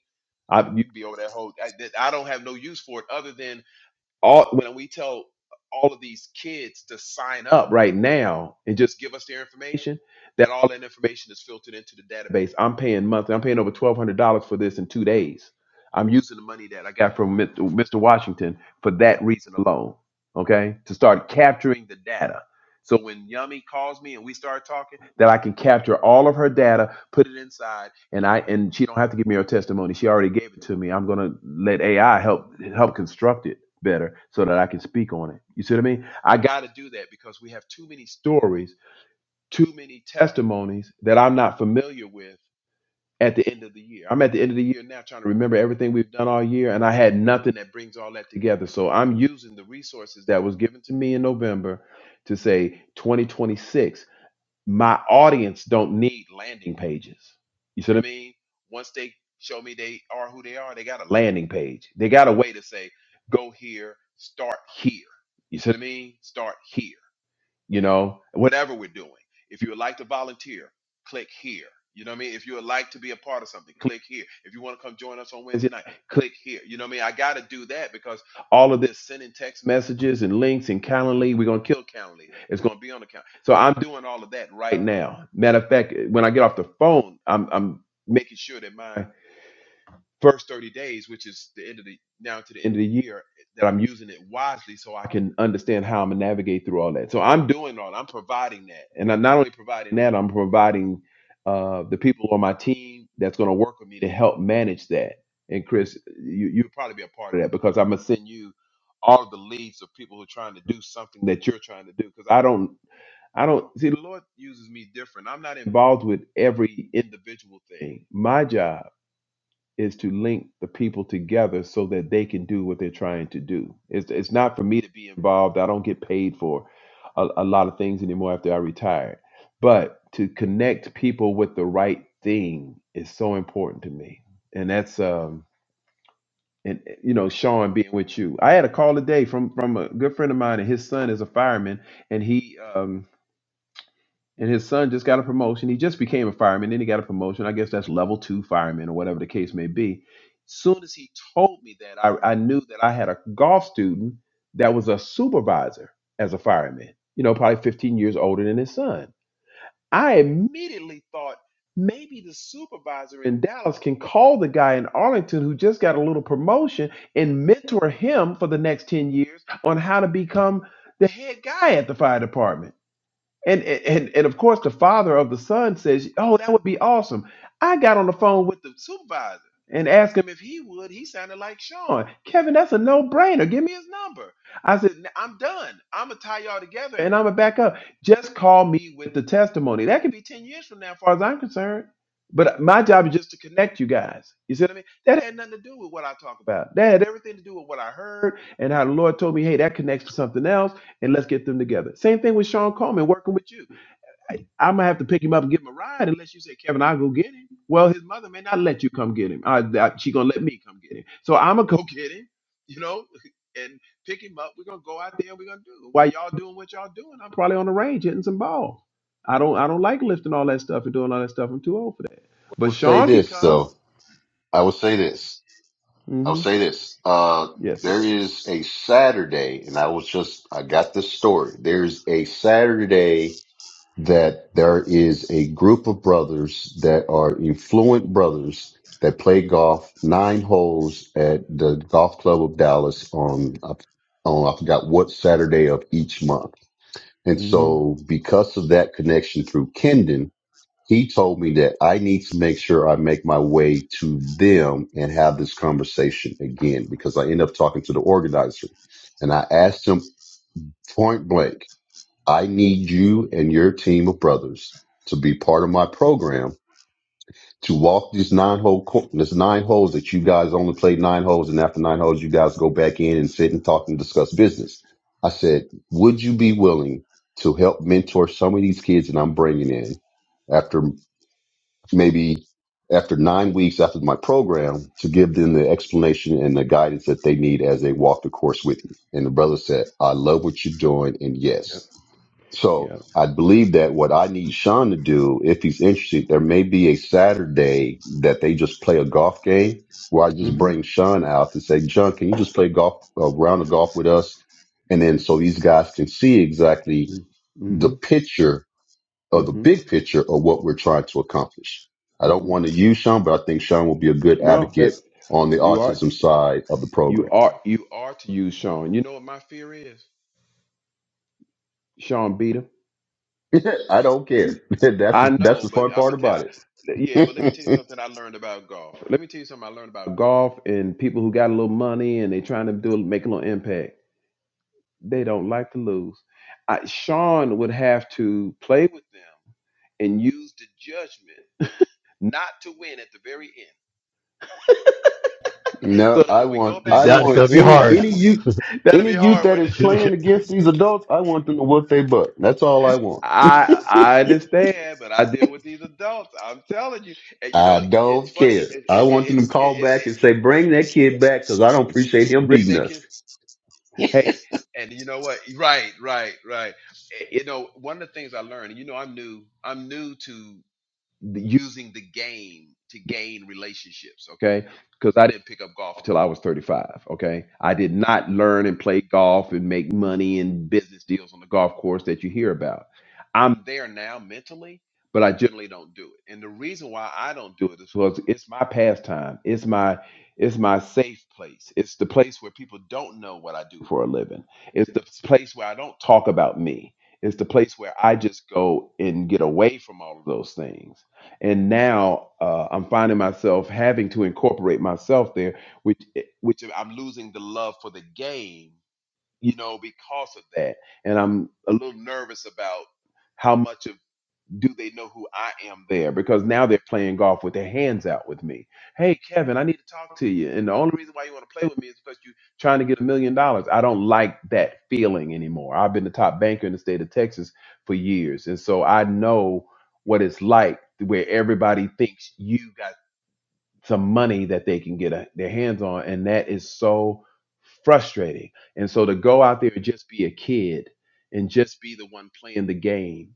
A: I, you, you'd be over that whole I, that I don't have no use for it other than all when we tell all of these kids to sign up right now and just give us their information, that all that information is filtered into the database. I'm paying monthly. I'm paying over twelve hundred dollars for this in two days. I'm using the money that I got from Mr. Mr. Washington for that reason alone. Okay, to start capturing the data. So when Yummy calls me and we start talking, that I can capture all of her data, put it inside, and I and she don't have to give me her testimony. She already gave it to me. I'm gonna let AI help help construct it better so that I can speak on it. You see what I mean? I got to do that because we have too many stories, too many testimonies that I'm not familiar with at the end of the year. I'm at the end of the year now trying to remember everything we've done all year, and I had nothing that brings all that together. So I'm using the resources that was given to me in November to say 2026 my audience don't need landing pages. You see what I mean? Once they show me they are who they are, they got a landing page. They got a way to say, go here, start here. You see what I mean? Start here you know, whatever we're doing. If you would like to volunteer, click here. You know what I mean? If you would like to be a part of something, click here. If you want to come join us on Wednesday night, click here. You know what I mean? I got to do that because all of this sending text messages and links and Calendly, we're going to kill Calendly. It's going to be on the calendar. So I'm doing all of that right now. Matter of fact, when I get off the phone, I'm, I'm making sure that my first 30 days, which is the end of the now to the end of the year, that I'm using it wisely so I can understand how I'm gonna navigate through all that. So I'm doing all I'm providing that. And I'm not only providing that, I'm providing uh, the people on my team that's gonna work with me to help manage that. And Chris, you, you'll probably be a part of that because I'm gonna send you all of the leads of people who are trying to do something that you're trying to do. Because I don't I don't see the Lord uses me different. I'm not involved with every individual thing. My job is to link the people together so that they can do what they're trying to do. It's it's not for me to be involved. I don't get paid for a, a lot of things anymore after I retired. But to connect people with the right thing is so important to me. And that's um and you know, Sean being with you. I had a call today from from a good friend of mine and his son is a fireman and he um and his son just got a promotion. He just became a fireman, then he got a promotion. I guess that's level two fireman or whatever the case may be. Soon as he told me that, I, I knew that I had a golf student that was a supervisor as a fireman, you know, probably 15 years older than his son. I immediately thought maybe the supervisor in Dallas can call the guy in Arlington who just got a little promotion and mentor him for the next 10 years on how to become the head guy at the fire department. And, and and of course, the father of the son says, "Oh, that would be awesome." I got on the phone with the supervisor and asked him if he would. He sounded like Sean. Kevin, that's a no-brainer. Give me his number. I said, "N- "I'm done. I'm gonna tie y'all together and I'm gonna back up. Just call me with the testimony. That could be ten years from now, as far as I'm concerned." But my job is just to connect you guys. You see what I mean? That had nothing to do with what I talk about. That had everything to do with what I heard and how the Lord told me, hey, that connects to something else and let's get them together. Same thing with Sean Coleman working with you. I might have to pick him up and give him a ride unless you say, Kevin, I'll go get him. Well, his mother may not let you come get him. Uh, that- she gonna let me come get him. So I'm gonna go get him, you know, and pick him up. We're gonna go out there and we're gonna do it. While y'all doing what y'all doing, I'm probably on the range hitting some balls. I don't I don't like lifting all that stuff and doing all that stuff. I'm too old for that. But
C: We'll say
A: Sean can
C: this
A: come.
C: though. I will say this. I will
A: Mm-hmm.
C: say this. Uh,
A: Yes,
C: there
A: sir.
C: is a Saturday, and I was just, I got this story. There's a Saturday that there is a group of brothers that are influent brothers that play golf nine holes at the golf club of Dallas on, on, I forgot what Saturday of each month. And
A: Mm-hmm.
C: so because of that connection through Kendon, he told me that I need to make sure I make my way to them and have this conversation again because I end up talking to the organizer. And I asked him point blank, I need you and your team of brothers to be part of my program to walk these nine hole cour- this nine holes that you guys only play nine holes and after nine holes you guys go back in and sit and talk and discuss business. I said, would you be willing to help mentor some of these kids that I'm bringing in after maybe after nine weeks after my program to give them the explanation and the guidance that they need as they walk the course with you. And the brother said, I love what you're doing. And
A: Yep.
C: yes. So
A: Yep.
C: I believe that what I need Sean to do, if he's interested, there may be a Saturday that they just play a golf game where I just
A: Mm-hmm.
C: bring Sean out to say, Sean, can you just play golf, a round of golf with us? And then so these guys can see exactly
A: Mm-hmm.
C: the
A: Mm-hmm.
C: picture of the
A: Mm-hmm.
C: big picture of what we're trying to accomplish. I don't
A: Mm-hmm.
C: want to use Sean, but I think Sean will be a good
A: No, that
C: advocate on the
A: you are.
C: autism side of the
A: You
C: program.
A: are you are to use Sean. You know what my fear is? Sean Beta.
C: I don't care. that's
A: I
C: the,
A: know,
C: that's the
A: but
C: fun
A: I'm gonna
C: part
A: tell.
C: about it.
A: Yeah, but let me tell you something I learned about golf. Let me tell you something I learned about golf and people who got a little money and they trying to do make a little impact. They don't like to lose. I, Sean would have to play with them and use the judgment not to win at the very end, so
C: no,
A: that
C: I
A: when we go
C: want
A: back
C: I
B: That's
C: want
A: inside,
B: gonna be
C: any
B: hard.
C: any youth
A: that'll
C: any
A: be
C: youth
A: hard,
C: that
A: wouldn't
C: is
A: it, Sean?
C: playing
B: hey,
C: against these adults. I want them to whoop their butt. That's all I want.
A: I I understand, but I deal with these adults. I'm telling you, and you
C: I
A: know it's
C: don't
A: funny. It,
C: care.
A: it,
C: I
A: it,
C: want them to
A: it's it,
C: call
A: it,
C: back
A: it,
C: and say, "Bring that kid back," because I don't appreciate him
A: bring
C: beating
A: that
C: us.
A: kids. Hey, and you know what? Right, right, right. Eh, You know, one of the things I learned. You know, I'm new. I'm new to. the- using the game to gain relationships, okay? Because I didn't pick up golf until I was 35, okay? I did not learn and play golf and make money and business deals on the golf course that you hear about. I'm there now mentally, but I generally don't do it. And the reason why I don't do it is because it's my pastime. It's my it's my safe place. It's the place where people don't know what I do for a living. It's the place where I don't talk about me. It's the place where I just go and get away from all of those things and now uh, I'm finding myself having to incorporate myself there, which eh, which I'm losing the love for the game, you know, because of that, and I'm a little nervous about how much of do they know who I am there? Because now they're playing golf with their hands out with me. Hey, Kevin, I need to talk to you. And the only reason why you want to play with me is because you're trying to get a million dollars. I don't like that feeling anymore. I've been the top banker in the state of Texas for years. And so I know what it's like where everybody thinks you got some money that they can get a, their hands on. And that is so frustrating. And so to go out there and just be a kid and just be the one playing the game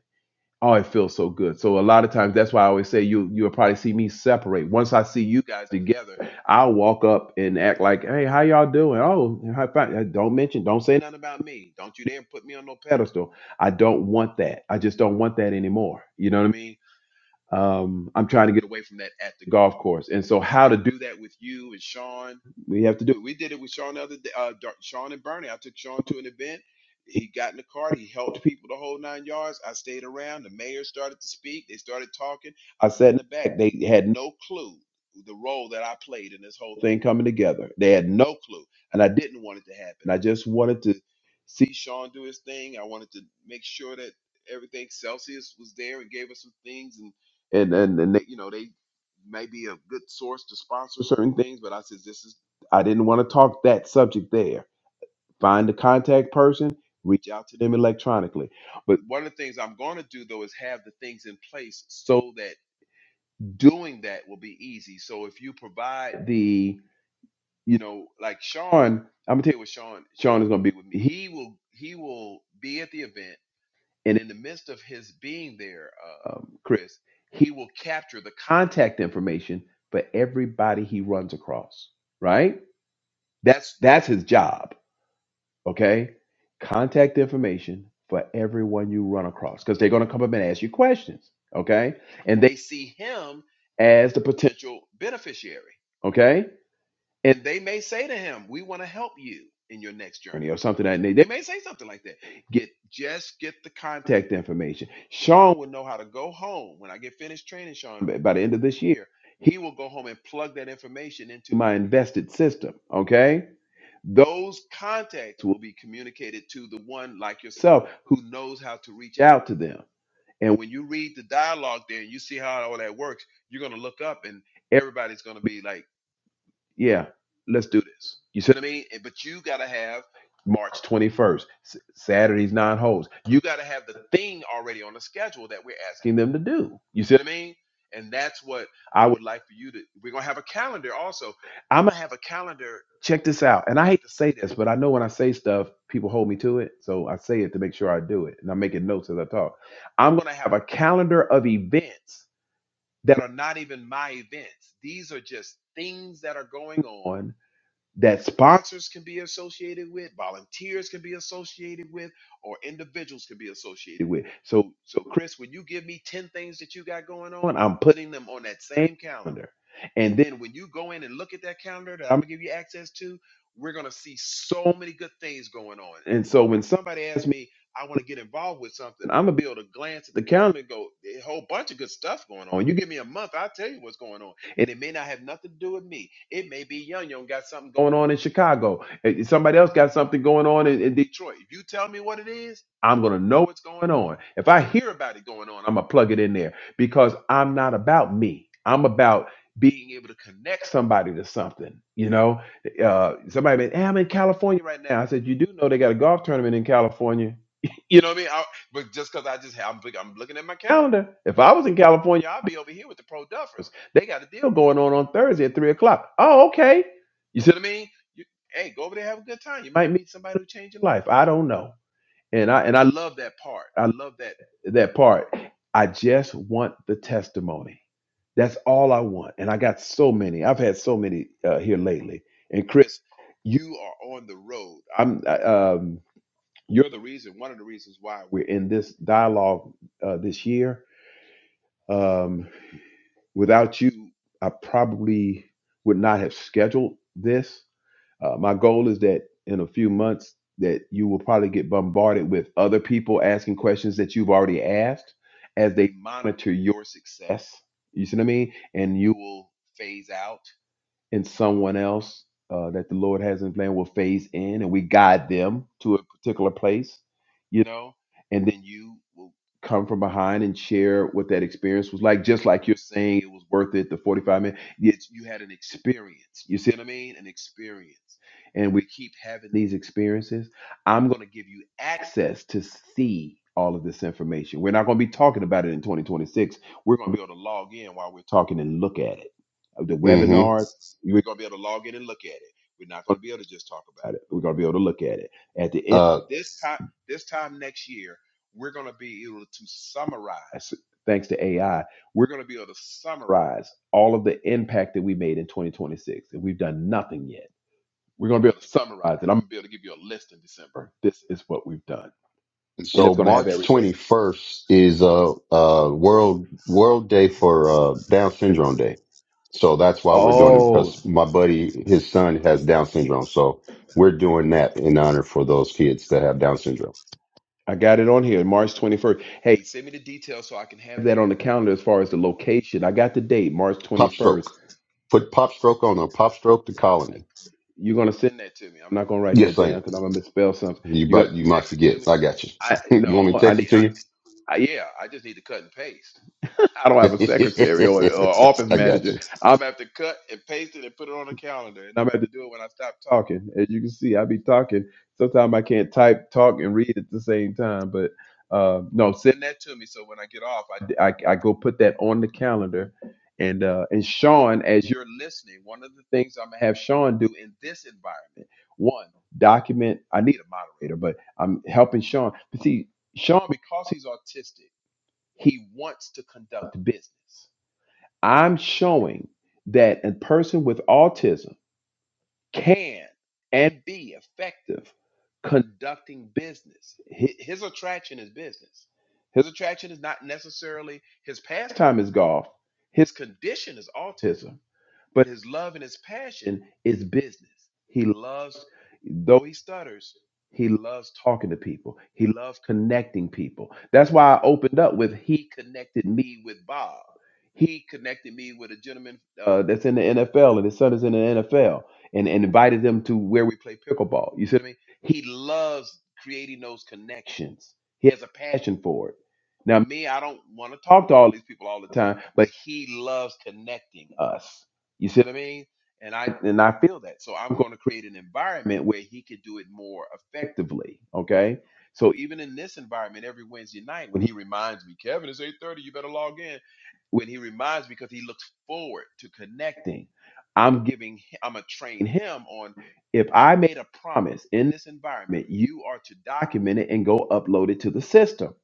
A: Oh, it feels so good. So a lot of times that's why I always say you you'll probably see me separate. Once I see you guys together, I'll walk up and act like, hey, how y'all doing? Oh, high five. Uh, don't mention, don't say nothing about me. Don't you dare put me on no pedestal. I don't want that. I just don't want that anymore. You know what I mean? Um, I'm trying to get away from that at the golf course. And so, how to do that with you and Sean, we have to do it. We did it with Sean the other day, uh, Dar- Sean and Bernie. I took Sean to an event. He got in the cart. He helped people the whole nine yards. I stayed around. The mayor started to speak. They started talking. I sat in the back. They had no clue the role that I played in this whole thing coming together. They had no clue. And I didn't want it to happen. I just wanted to see Sean do his thing. I wanted to make sure that everything Celsius was there and gave us some things and and, and they, you know they may be a good source to sponsor certain things but i said this is i didn't want to talk that subject there find the contact person reach out to them electronically but one of the things i'm going to do though is have the things in place so that doing that will be easy so if you provide the you know like sean i'm gonna tell you what sean sean is gonna be with me he will he will be at the event and in the midst of his being there, um, Chris, he will capture the contact information for everybody he runs across. Right? That's that's his job. Okay, contact information for everyone you run across because they're going to come up and ask you questions. Okay, and they see him as the potential beneficiary. Okay and they may say to him, "We want to help you in your next journey," or something like that. They may say something like that. Get just get the contact information. Sean will know how to go home when I get finished training Sean by by the end of this year. He will go home and plug that information into my invested system. Okay. Those contacts will be communicated to the one like yourself who knows how to reach out to them. And when you read the dialogue there and you see how all that works, you're going to look up and everybody's going to be like yeah, let's do this. You see what I mean? And- But you got to have March 21st, S- Saturday's nine holes. You got to have the thing already on the schedule that we're asking them to do. You see what I mean? And that's what I would like for you to. We're going to have a calendar also. I'm going to have a calendar. Check this out. And I hate to say this, but I know when I say stuff, people hold me to it. So I say it to make sure I do it. And I'm making notes as I talk. I'm going to have a calendar of events that are not even my events. These are just things that are going on that sponsors can be associated with, volunteers can be associated with, or individuals can be associated with. So, so Chris, when you give me 10 things that you got going on, I'm putting them on that same calendar. And then when you go in and look at that calendar that I'm gonna give you access to, we're gonna see so many good things going on. And so when somebody asks me, I want to get involved with something, I'm gonna be able to glance at the calendar and go, a whole bunch of good stuff going on. You give me a month, I'll tell you what's going on. And it may not have nothing to do with me. It may be Young Young got something going on in Chicago. and Somebody else got something going on in, in Detroit. If you tell me what it is, I'm going to know what's going on. If I hear about it going on, I'm going to plug it in there because I'm not about me. I'm about being able to connect somebody to something. You know, uh, somebody been, hey, I'm in California right now. I said, you do know they got a golf tournament in California. You know what I mean? I, but just because I just I'm, I'm looking at my calendar. If I was in California, I'd be over here with the pro duffers. They got a deal going on on Thursday at three o'clock. Oh, okay. You see what I mean? You, hey, go over there, have a good time. You might meet somebody who change your life. I don't know. And I and I love that part. I love that that part. I just want the testimony. That's all I want. And I got so many. I've had so many uh, here lately. And Chris, you are on the road. I'm. I, um, you're the reason. One of the reasons why we're in this dialogue uh, this year. Um, Without you, I probably would not have scheduled this. Uh, my goal is that in a few months that you will probably get bombarded with other people asking questions that you've already asked as they monitor your success. You see what I mean? And you will phase out and someone else uh, that the Lord has in plan will phase in, and we guide them to a particular place, you know, and then you will come from behind and share what that experience was like. Just like you're saying, it was worth it. The 45 minutes, it's, you had an experience. You see what I mean? An experience, and we keep having these experiences. I'm going to give you access to see. All of this information. We're not going to be talking about it in 2026. We're going to be able to log in while we're talking and look at it of the
C: hmm
A: webinars. We're going to be able to log in and look at it. We're not going to be able to just talk about it. We're going to be able to look at it. At the end,
C: Uh,
A: this time, this time next year, we're going to be able to summarize. Thanks to AI, we're going to be able to summarize all of the impact that we made in 2026, and we've done nothing yet. We're going to be able to summarize it. I'm going to be able to give you a list in December. This is what we've done,
C: And
A: and
C: So
A: it's going to have
C: March
A: everything.
C: 21st is uh, uh, world World Day for uh, Down Syndrome Day. So that's why we're doing it
A: Oh.
C: because my buddy, his son has Down syndrome. So we're doing that in honor for those kids that have Down syndrome.
A: I got it on here, March 21st. Hey, send me the details so I can have that on the calendar as far as the location. I got the date, March
C: Pop Stroke.
A: 21st.
C: Put Pop Stroke on a Pop Stroke the Colony.
A: You're going to send that to me. I'm not going to write that
C: Yes, I
A: down
C: am.
A: because I'm going to misspell something.
C: You
A: You're
C: might,
A: going
C: you
A: to
C: might
A: text it to
C: forget.
A: me.
C: I got you.
A: I
C: you want me to
A: no, I
C: text
A: need.
C: it to
A: I, I, yeah, I just need to cut and paste. I don't
C: you?
A: have a secretary or, or office
C: I got
A: manager.
C: you.
A: I'm have to cut and paste it and put it on the calendar, and I'm have to do it when I stop talking. As you can see, I be talking. Sometimes I can't type, talk, and read at the same time. But uh, no, send that to me so when I get off, I, d- I, I go put that on the calendar. And uh, and Sean, as you're listening, one of the things I'm gonna have Sean do in this environment, one document. I need a moderator, but I'm helping Sean. But see, Sean, because he's autistic. He wants to conduct business. I'm showing that a person with autism can and be effective conducting business. Hi- His attraction is business. His attraction is not necessarily his pastime is golf. His condition is autism, but his love and his passion is business. He loves, though he stutters, he loves talking to people. He loves connecting people. That's why I opened up with he connected me with Bob. He connected me with a gentleman uh, that's in the NFL, and his son is in the NFL and, and invited them to where we play pickleball. You see what I mean? He loves creating those connections. He has a passion for it. Now, me, I don't want to talk to all these people all the time, but he loves connecting us. You see what I mean? And I and I feel that. So I'm going to create an environment where he can do it more effectively. Okay. So even in this environment, every Wednesday night, when he reminds me, Kevin, it's 8:30, you better log in. When he reminds me because he looks forward to connecting I'm giving, hi- I'm gonna train him on if I made a promise in this environment, you are to document it and go upload it to the system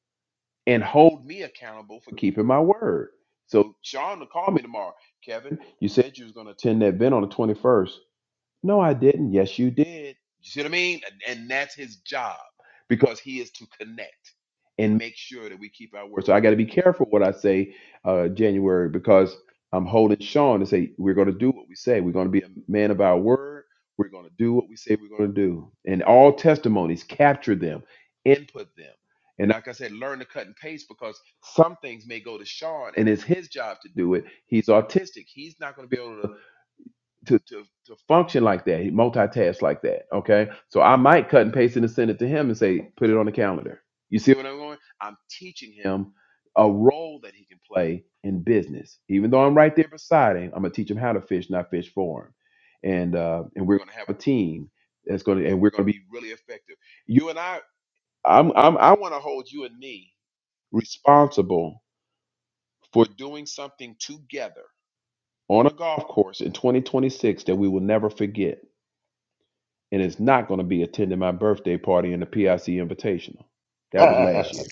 A: and hold me accountable for keeping my word. So Sean will call me tomorrow. Kevin, you said you was gonna attend that event on the 21st. No, I didn't. Yes, you did. You see what I mean? And, and that's his job because he is to connect and make sure that we keep our word. So I got to be careful what I say uh, January because I'm holding Sean to say we're going to do what we say. We're going to be a man of our word. We're going to do what we say we're going to do. And all testimonies, capture them, input them. And like I said, learn to cut and paste because some things may go to Sean and it's his job to do it. He's autistic. He's not going to be able to to, to to function like that. He multitask like that. Okay. So I might cut and paste it and send it to him and say, put it on the calendar. You see what I'm going? I'm teaching him a role that he can play in business. Even though I'm right there beside him, I'm gonna teach him how to fish, not fish for him. And uh, and we're gonna have a team that's gonna and we're gonna be really effective. You and I, I'm, I'm I want to hold you and me responsible for doing something together on a golf course in 2026 that we will never forget and is not going to be attending my birthday party in the PIC Invitational. That was
C: hmm
A: last year.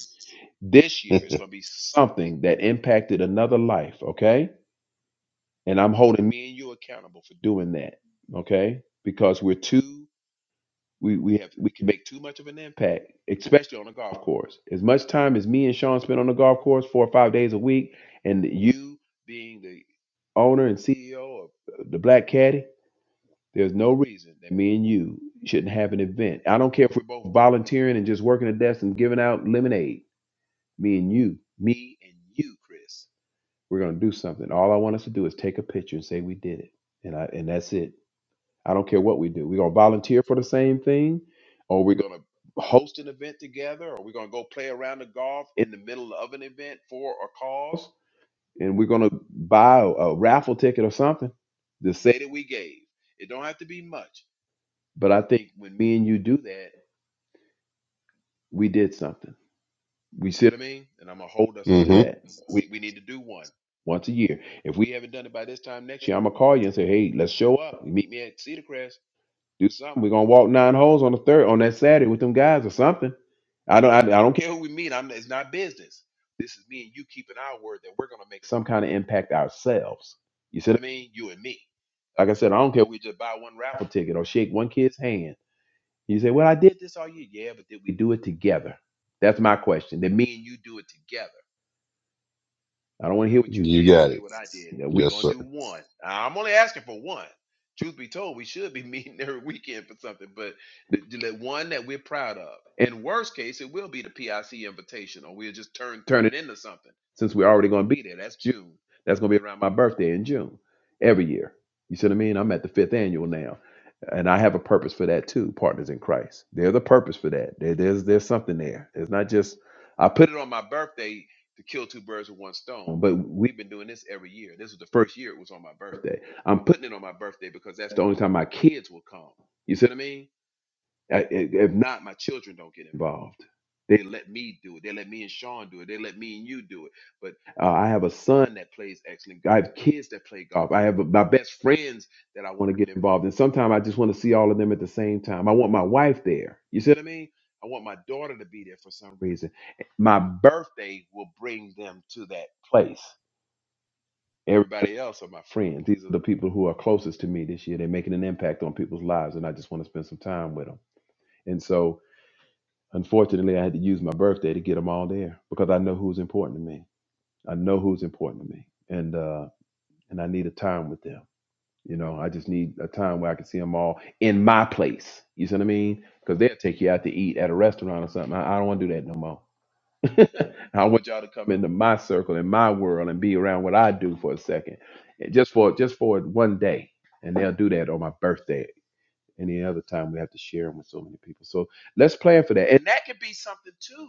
A: This year is going to be something that impacted another life, okay? And I'm holding me and you accountable for doing that, okay? Because we're too we we have we can make too much of an impact, especially on a golf course. As much time as me and Sean spend on the golf course, four or five days a week, and you being the owner and CEO of the Black Caddy, there's no reason that me and you shouldn't have an event. I don't care if we're both volunteering and just working at desks and giving out lemonade. Me and you, me and you, Chris, we're gonna do something. All I want us to do is take a picture and say we did it, and I and that's it. I don't care what we do. We're gonna volunteer for the same thing, or we're gonna host an event together, or we're gonna go play around the golf in the middle of an event for a cause, and we're gonna buy a, a raffle ticket or something to say that we gave. It don't have to be much. But I think when me and you do that, we did something. We see what I mean? And I'm gonna hold us to
C: You
A: that. We we need to do one once a year. If we haven't done it by this time next year, I'm gonna call you and say, hey, let's show up. meet me at Cedar Crest. Do something. We're gonna walk nine holes on the third on that Saturday with them guys or something. I don't I, I don't care who we meet. I'm it's not business. This is me and you keeping our word that we're gonna make some kind of impact ourselves. You see what I mean? You and me. Like I said, I don't care if we just buy one raffle ticket or shake one kid's hand you say, Well, I did this all year. Yeah, but did we do it together? That's my question. Did me and you do it together? I don't want to hear what you did and
C: got
A: hear
C: it.
A: what I did. Now, we
C: Yes, sir.
A: gonna do one. I'm only asking for one. Truth be told, we should be meeting every weekend for something, but the, the one that we're proud of. In worst case, it will be the PIC invitation, or we'll just turn turn it into something. Since we're already gonna be there, that's June. That's gonna be around my birthday in June every year. You see what I mean? I'm at the fifth annual now, and I have a purpose for that too. Partners in Christ. There's a purpose for that. There, there's there's something there. It's not just I put it on my birthday to kill two birds with one stone. But we've been doing this every year. This was the first year it was on my birthday. I'm putting it on my birthday because that's the only time my kids will come. You see what I mean? I, i- if not, my children don't get involved. They let me do it. They let me and Sean do it. They let me and you do it. But uh, I have a son that plays excellent. I have kids that play golf. I have my best friends that I want to get involved in. Sometimes I just want to see all of them at the same time. I want my wife there. You see what I mean? I want my daughter to be there for some reason. My birthday will bring them to that place. Everybody else are my friends. These are the people who are closest to me this year. They're making an impact on people's lives, and I just want to spend some time with them. And so Unfortunately, I had to use my birthday to get them all there because I know who's important to me. I know who's important to me, and uh, and I need a time with them. You know, I just need a time where I can see them all in my place. You see what I mean? Because they'll take you out to eat at a restaurant or something. I, I don't want to do that no more. I want y'all to come into my circle, in my world, and be around what I do for a second, And just for just for one day. And they'll do that on my birthday. Any other time we have to share them with so many people. So let's plan for that, and that could be something too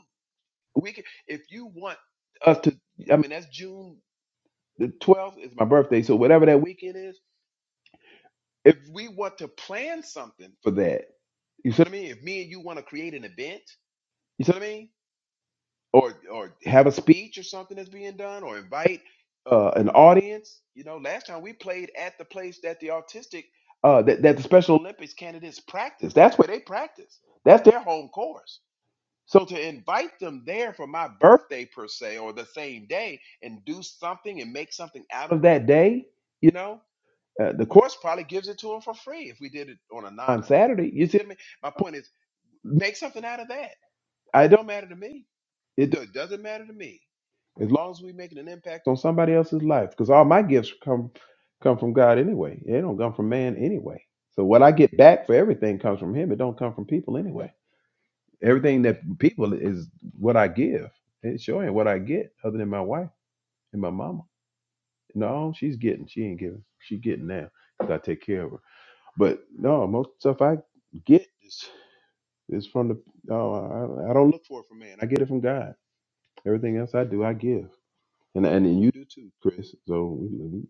A: we can, if you want us to, I mean, that's June the 12th is my birthday, so whatever that weekend is, if we want to plan something for that, you see what I mean? If me and you want to create an event, you see what I mean? Or or have a speech or something that's being done, or invite uh, an audience. You know, last time we played at the place that the autistic uh, that, that the Special Olympics candidates practice. That's where they practice. That's their home course. So to invite them there for my birthday per se, or the same day, and do something and make something out of that day, you know, uh, the course probably gives it to them for free if we did it on a non-Saturday. You see what I mean? My point is, make something out of that. Uh, It don't matter to me. It do- doesn't matter to me as long as we making an impact on somebody else's life. Because all my gifts come come from God anyway. They don't come from man anyway. So what I get back for everything comes from Him. It don't come from people anyway. Everything that people is what I give. It's showing what I get, other than my wife and my mama. No, she's getting. She ain't giving. She getting now. now 'cause I take care of her. But no, most stuff I get is is from the. Oh, I, I don't look for it from man. I get it from God. Everything else I do, I give, and and you do too, Chris. So we we,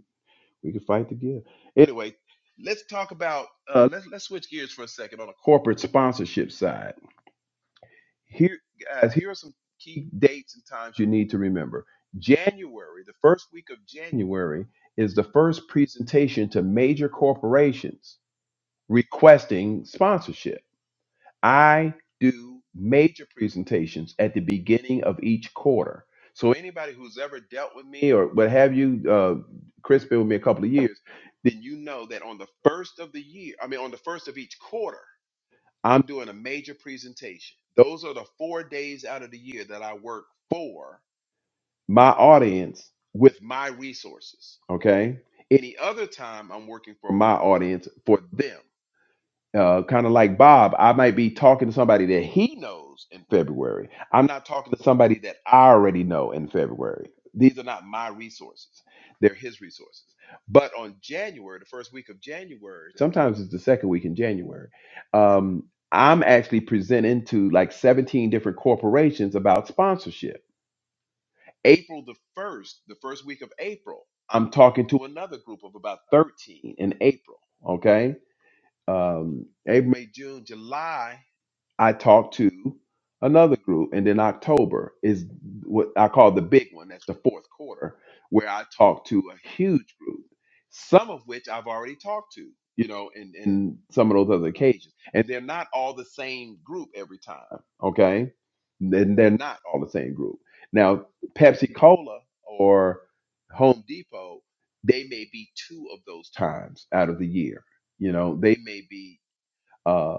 A: we can fight to give. Anyway, let's talk about. Uh, let's let's switch gears for a second on the corporate sponsorship side Here, guys, here are some key dates and times you need to remember. January, the first week of January, is the first presentation to major corporations requesting sponsorship. I do major presentations at the beginning of each quarter. So anybody who's ever dealt with me or what have you, uh, Chris been with me a couple of years, then you know that on the first of the year, I mean on the first of each quarter, I'm doing a major presentation. Those are the four days out of the year that I work for my audience with my resources. Okay. Any other time I'm working for my audience for them uh, kind of like Bob, I might be talking to somebody that he knows in February. I'm not talking to somebody that I already know in February. These are not my resources, they're his resources. But on January, the first week of January, sometimes it's the second week in January, um, I'm actually presenting to like 17 different corporations about sponsorship. April the 1st, the first week of April, I'm talking to another group of about 13 in April. Okay um, April, May, June, July. I talked to another group, and then October is what I call the big one. That's the fourth quarter, where I talked to a huge group, some of which I've already talked to, you know, in in some of those other occasions, and they're not all the same group every time. Okay, then they're not all the same group. Now, Pepsi Cola or Home Depot, they may be two of those times out of the year. You know, they may be. uh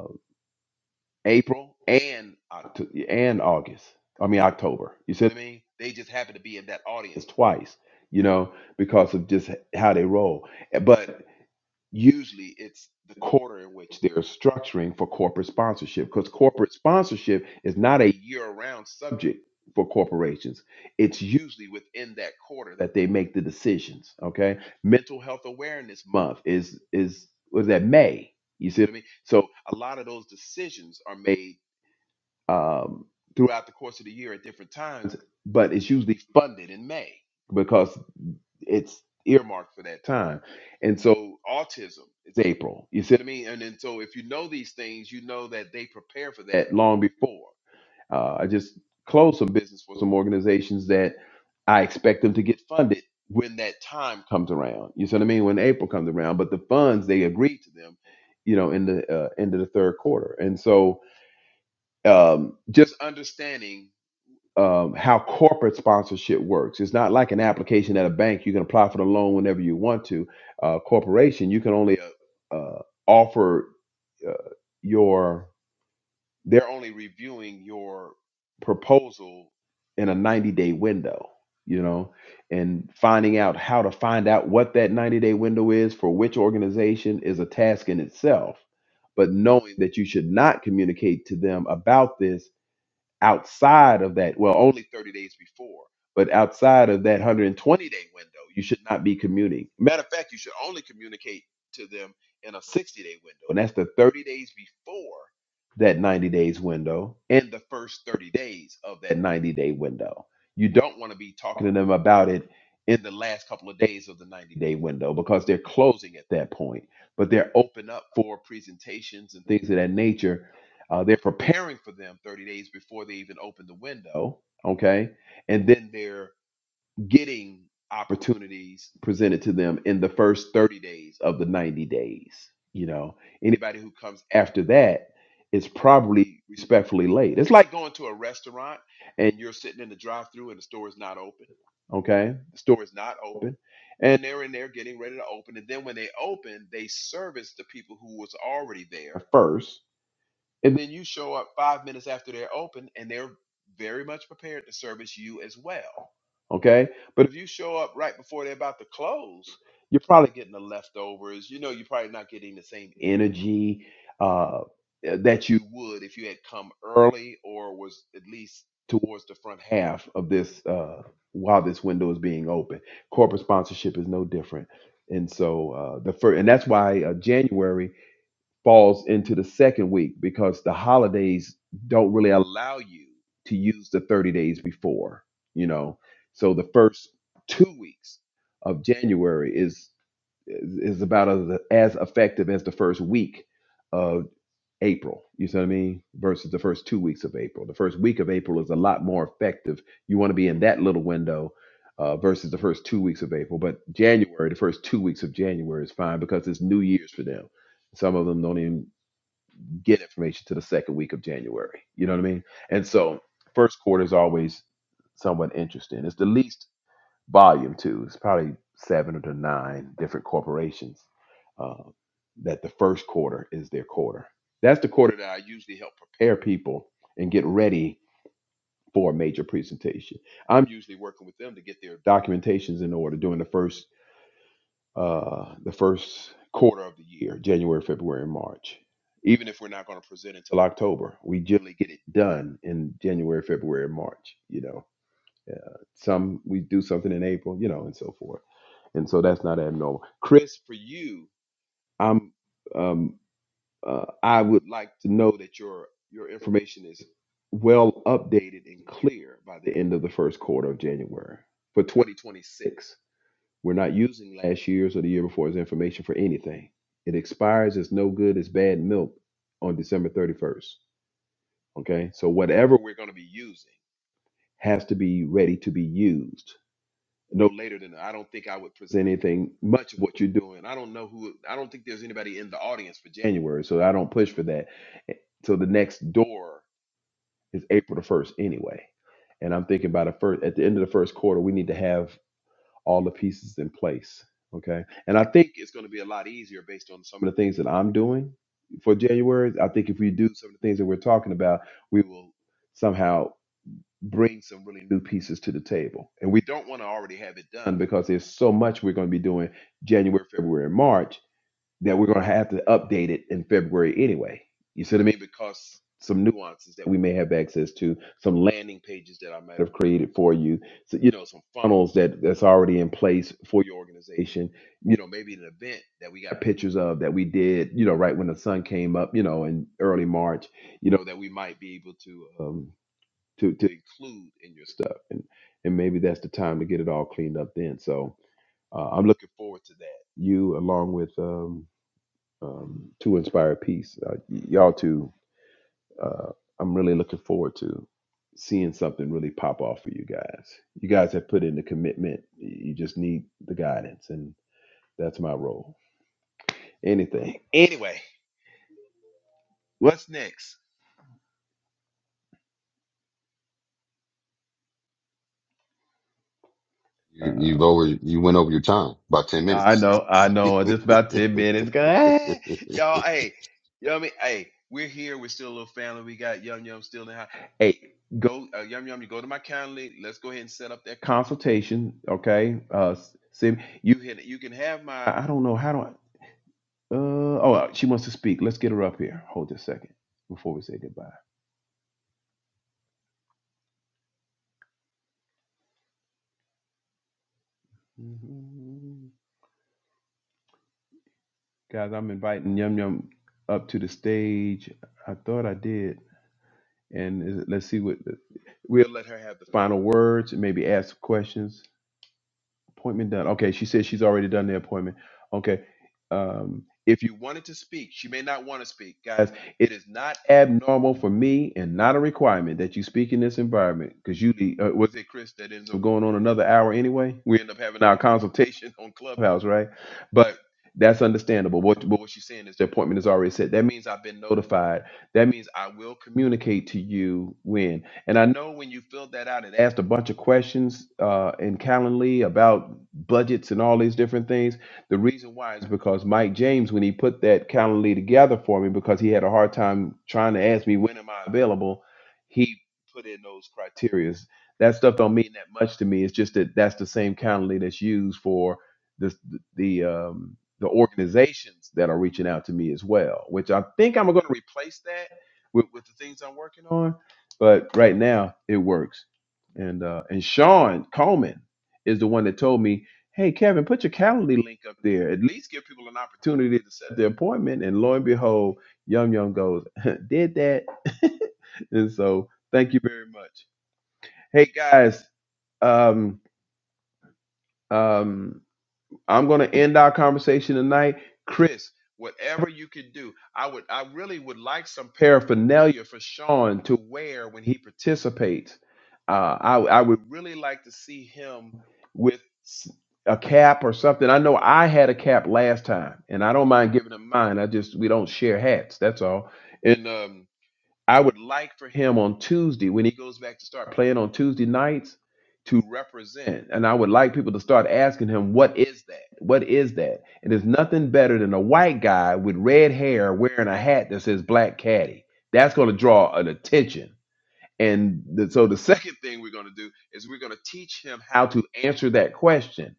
A: April and October and August. I mean October. You see what I mean? They just happen to be in that audience twice, you know, because of just how they roll. Eh, But usually it's the quarter in which they're structuring for corporate sponsorship because corporate sponsorship is not a year-round subject for corporations. It's usually within that quarter that they make the decisions, okay? Mental health awareness month is is was that May. You see what I mean? So a lot of those decisions are made um, throughout the course of the year at different times, but it's usually funded in May because it's earmarked for that time. And so autism is April. You see what I mean? And then so if you know these things, you know that they prepare for that long before. Uh, I just closed some business for some organizations that I expect them to get funded when that time comes around. You see what I mean? When April comes around, but the funds they agreed to them, you know, in the uh, end of the third quarter. And so um, just understanding um, how corporate sponsorship works. It's not like an application at a bank. You can apply for the loan whenever you want to. Uh, corporation, you can only uh, uh, offer uh, your. They're only reviewing your proposal in a 90 day window. You know, and finding out how to find out what that 90 day window is for which organization is a task in itself. But knowing that you should not communicate to them about this outside of that, well, only 30 days before, but outside of that 120 day window, you should not be commuting. Matter of fact, you should only communicate to them in a 60 day window. And that's the 30 days before that 90 days window and the first 30 days of that 90 day window. You don't want to be talking to them about it in the last couple of days of the 90 day window because they're closing at that point, but they're open up for presentations and things of that nature uh, they're preparing for them 30 days before they even open the window. Okay. And then they're getting opportunities presented to them in the first 30 days of the 90 days. You know, anybody who comes after that is probably respectfully late. It's like going to a restaurant and you're sitting in the drive through and the store is not open. Okay. The store is not open. And they're in there getting ready to open. And then when they open, they service the people who was already there first and then you show up five minutes after they're open and they're very much prepared to service you as well. Okay. But if you show up right before they're about to close, you're probably getting the leftovers. You know, you're probably not getting the same energy uh, that you would if you had come early or was at least towards the front half of this uh, while this window is being open. Corporate sponsorship is no different. And so uh, the first, and that's why uh, January falls into the second week because the holidays don't really allow you to use the 30 days before, you know. So the first 2 weeks of January is is about as, as effective as the first week of April. You see what I mean? Versus the first 2 weeks of April. The first week of April is a lot more effective. You want to be in that little window uh, versus the first two weeks of April, but January, the first two weeks of January is fine because it's New Year's for them. Some of them don't even get information to the second week of January. You know what I mean? And so first quarter is always somewhat interesting. It's the least volume too. It's probably seven or to nine different corporations uh, that the first quarter is their quarter. That's the quarter that I usually help prepare people and get ready for a major presentation. I'm usually working with them to get their documentations in order during the first uh, the first quarter of the year, January, February, and March. Even if we're not going to present until October, we generally get it done in January, February, and March. You know, uh, some we do something in April, you know, and so forth. And so that's not abnormal. Chris, for you, I'm, um, uh, I would like to know that your your information is well updated and clear by the end of the first quarter of January for 2026 we're not using last year's or the year before as information for anything. It expires as no good as bad milk on December 31st. Okay. So whatever we're going to be using has to be ready to be used no later than I don't think I would present anything much of what you're doing. I don't know who, I don't think there's anybody in the audience for January. So I don't push for that. Eh, So the next door is April the 1st anyway. And I'm thinking by the first, at the end of the first quarter, we need to have all the pieces in place. Okay. And I think it's going to be a lot easier based on some of the things that I'm doing for January. I think if we do some of the things that we're talking about, we will somehow bring some really new pieces to the table. And we don't want to already have it done because there's so much we're going to be doing January, February, and March that we're going to have to update it in February anyway. You see what I mean? Because some nuances that we may have access to, some landing pages that I might have created for you, so, you know, some funnels that that's already in place for your organization. You know, maybe an event that we got pictures of that we did, you know, right when the sun came up, you know, in early March, you know, that we might be able to um to to include in your stuff, and and maybe that's the time to get it all cleaned up then. So uh, I'm looking forward to that. You along with um um, to inspire peace. Uh, y- y'all too. Uh, I'm really looking forward to seeing something really pop off for you guys. You guys have put in the commitment. You just need the guidance, and that's my role. Anything. Anyway, what's next?
C: You,
A: Uh,
C: you've over, you went over your time by 10
A: I
C: minutes.
A: know, I know. Just about ten minutes. Go, "Ah." y'all. Hey, you know what I mean? Hey, we're here. We're still a little family. We got Yum Yum still in the house. Hey, go uh, Yum Yum. You go to my calendar. Let's go ahead and set up that consultation. Okay. Uh, Sim, you can you can have my. I don't know how do I. Uh oh, uh, she wants to speak. Let's get her up here. Hold just a second before we say goodbye. Mhm. Guys, I'm inviting Yum Yum up to the stage. I thought I did. and is- let's see what we'll let her have the final words and maybe ask some questions Appointment done. Okay, she says she's already done the appointment. Okay. Um, if you wanted to speak, she may not want to speak. Guys, it is not abnormal for me and not a requirement that you speak in this environment because you, uh, was it Chris that ends up going on another hour anyway? We end up having our consultation on Clubhouse, right? But that's understandable. What, but what she's saying is the appointment is already set. That means I've been notified. That means I will communicate to you when. And I know when you filled that out, it asked a bunch of questions uh, in Calendly about budgets and all these different things. The reason why is because Mike James, when he put that Calendly together for me, because he had a hard time trying to ask me when am I available, he put in those criterias. That stuff don't mean that much to me. It's just that that's the same Calendly that's used for the the um, the organizations that are reaching out to me as well. Which I think I'm going to replace that with, with the things I'm working on but right now it works. And uh, and Sean Coleman is the one that told me, "Hey Kevin, put your Calendly link up there. At least give people an opportunity to set their appointment." And lo and behold, Yum Yum goes, "Did that." and so, thank you very much. Hey guys, um, um, I'm going to end our conversation tonight. Chris, whatever you can do, I would I really would like some paraphernalia for Sean to wear when he participates. Uh, I I would really like to see him with s- a cap or something. I know I had a cap last time, and I don't mind giving him mine. I just we don't share hats. That's all. And um, I would like for him on Tuesday, when he goes back to start playing on Tuesday nights, to represent. And I would like people to start asking him, what is that? What is that? And there's nothing better than a white guy with red hair wearing a hat that says black caddy. That's going to draw an attention. And the, so the second thing we're going to do is we're going to teach him how to answer that question.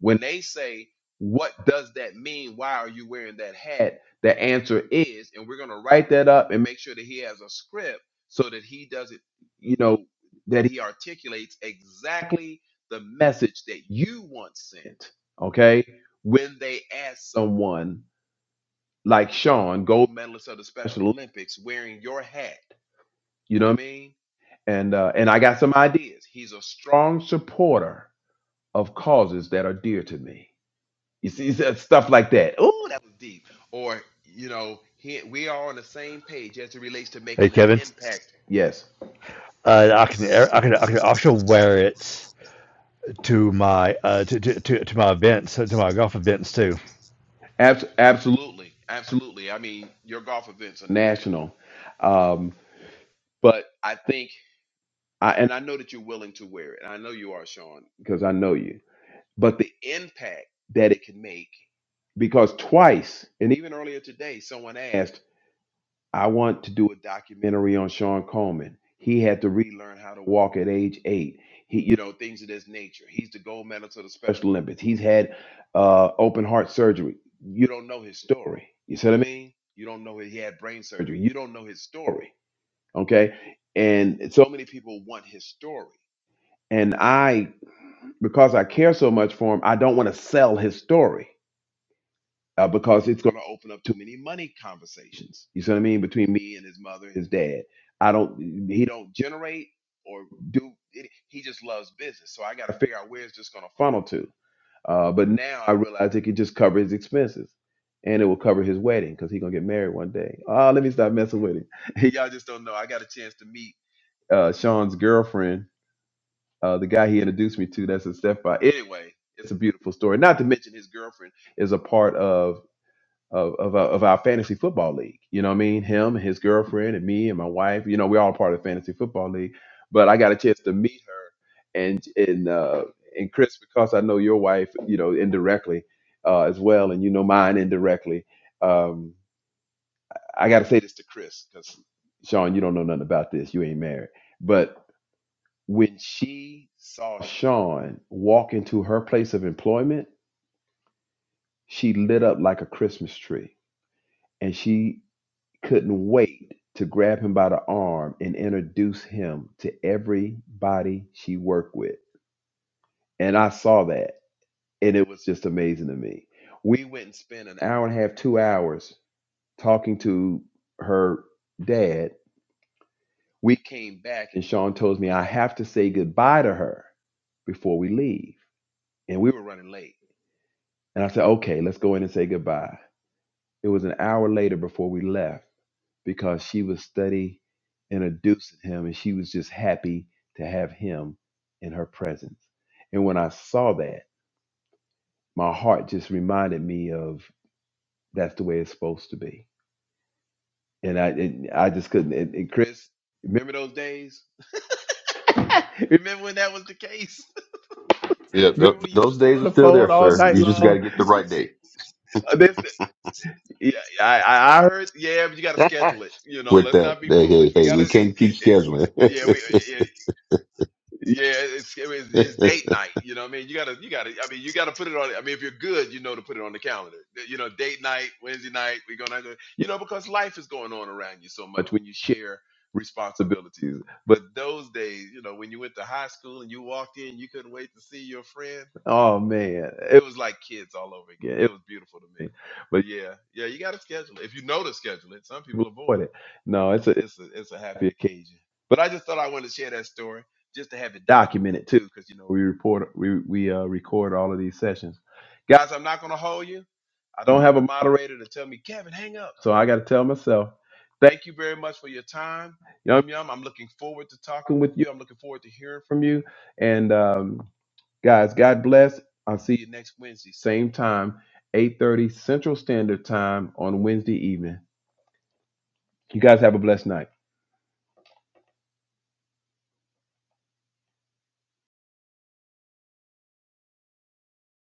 A: When they say, What does that mean? Why are you wearing that hat? The answer is, and we're going to write that up and make sure that he has a script so that he doesn't, you know, that he articulates exactly the message that you want sent. Okay. When they ask someone like Sean, gold medalist of the Special Olympics, wearing your hat you know what I mean? And uh, and I got some ideas. He's a strong supporter of causes that are dear to me. You see s- stuff like that. Oh, that was deep. Or you know, he, we are on the same page as it relates to making an
B: Kevin.
A: impact. Yes,
B: Uh, I can I can I can also wear it to my uh to to, to, to my events to my golf events too.
A: Abs- absolutely, absolutely. I mean, your golf events are national, um, but I think I and I know that you're willing to wear it. And I know you are, Sean, because I know you. but the impact that it can make. Because twice, and even earlier today, someone asked, I want to do a documentary on Sean Coleman. He had to relearn how to walk at age eight. He, you know, things of this nature. He's the gold medalist of the Special Olympics. He's had uh, open heart surgery. You don't know his story. You see what I mean? You don't know he had brain surgery. You don't know his story. Okay. And so many people want his story. And I because I care so much for him, I don't want to sell his story uh, because it's going to open up too many money conversations. You see what I mean? Between me and his mother, his dad. I don't. He don't generate or do. It, he just loves business. So I got to figure out where it's just going to funnel to. Uh, but now I realize it could just cover his expenses. And it will cover his wedding because he's gonna get married one day. Oh, let me stop messing with him. Y'all just don't know. I got a chance to meet uh, Sean's girlfriend uh, the guy he introduced me to that's his stepfather. Anyway, it's a beautiful story. Not to mention his girlfriend is a part of of of, our- of our fantasy football league. You know what I mean? Him, his girlfriend, and me and my wife. You know, we're all part of the fantasy football league. But I got a chance to meet her and and uh, and Chris because I know your wife, you know, indirectly uh, as well, and you know mine indirectly. Um, I got to say this to Chris because Sean, you don't know nothing about this. You ain't married, but when she saw Sean walk into her place of employment, she lit up like a Christmas tree and she couldn't wait to grab him by the arm and introduce him to everybody she worked with. And I saw that and it was just amazing to me. We went and spent an hour and a half, two hours talking to her dad. We came back and Sean told me I have to say goodbye to her before we leave. And we were running late. And I said, okay, let's go in and say goodbye. It was an hour later before we left because she was study introducing him and she was just happy to have him in her presence. And when I saw that, my heart just reminded me of that's the way it's supposed to be. And I and I just couldn't. And, and Chris, remember those days? remember when that was the case?
C: Yeah, th-
A: remember we used to
C: those
A: stay
C: days
A: on
C: are
A: the
C: still there,
A: phone all
C: sir.
A: night
C: You just got
A: long?
C: to get the right day.
A: Yeah, yeah, I, I I heard. Yeah, but you got to schedule it. You know,
C: With
A: let's
C: that,
A: not be
C: hey, hey,
A: foolish. We
C: hey,
A: got
C: we
A: to.
C: can't keep scheduling.
A: Yeah, we. yeah, yeah, it's, it was- it's date night. You know what I mean? You gotta you gotta I mean you gotta put it on I mean if you're good, you know to put it on the calendar. You know, date night, Wednesday night, we're gonna you know, because life is going on around you so much when you share responsibilities. But those days, you know, when you went to high school and you walked in, you couldn't wait to see your friend. Oh man. It was like kids all over again. It was beautiful to me. But yeah, yeah, you gotta schedule it. If you know to schedule it, some people avoid it. No, it's a it's a it's a happy occasion. But I just thought I wanted to share that story just to have it documented too, because you know we report we we uh, record all of these sessions. Guys, I'm not gonna hold you. I don't have a moderator to tell me, Kevin, hang up. So I got to tell myself, thank you very much for your time. Yum yum. I'm looking forward to talking with you. I'm looking forward to hearing from you. And um, guys, God bless. I'll see you next Wednesday, same time, 8:30 Central Standard Time on Wednesday evening. You guys have a blessed night.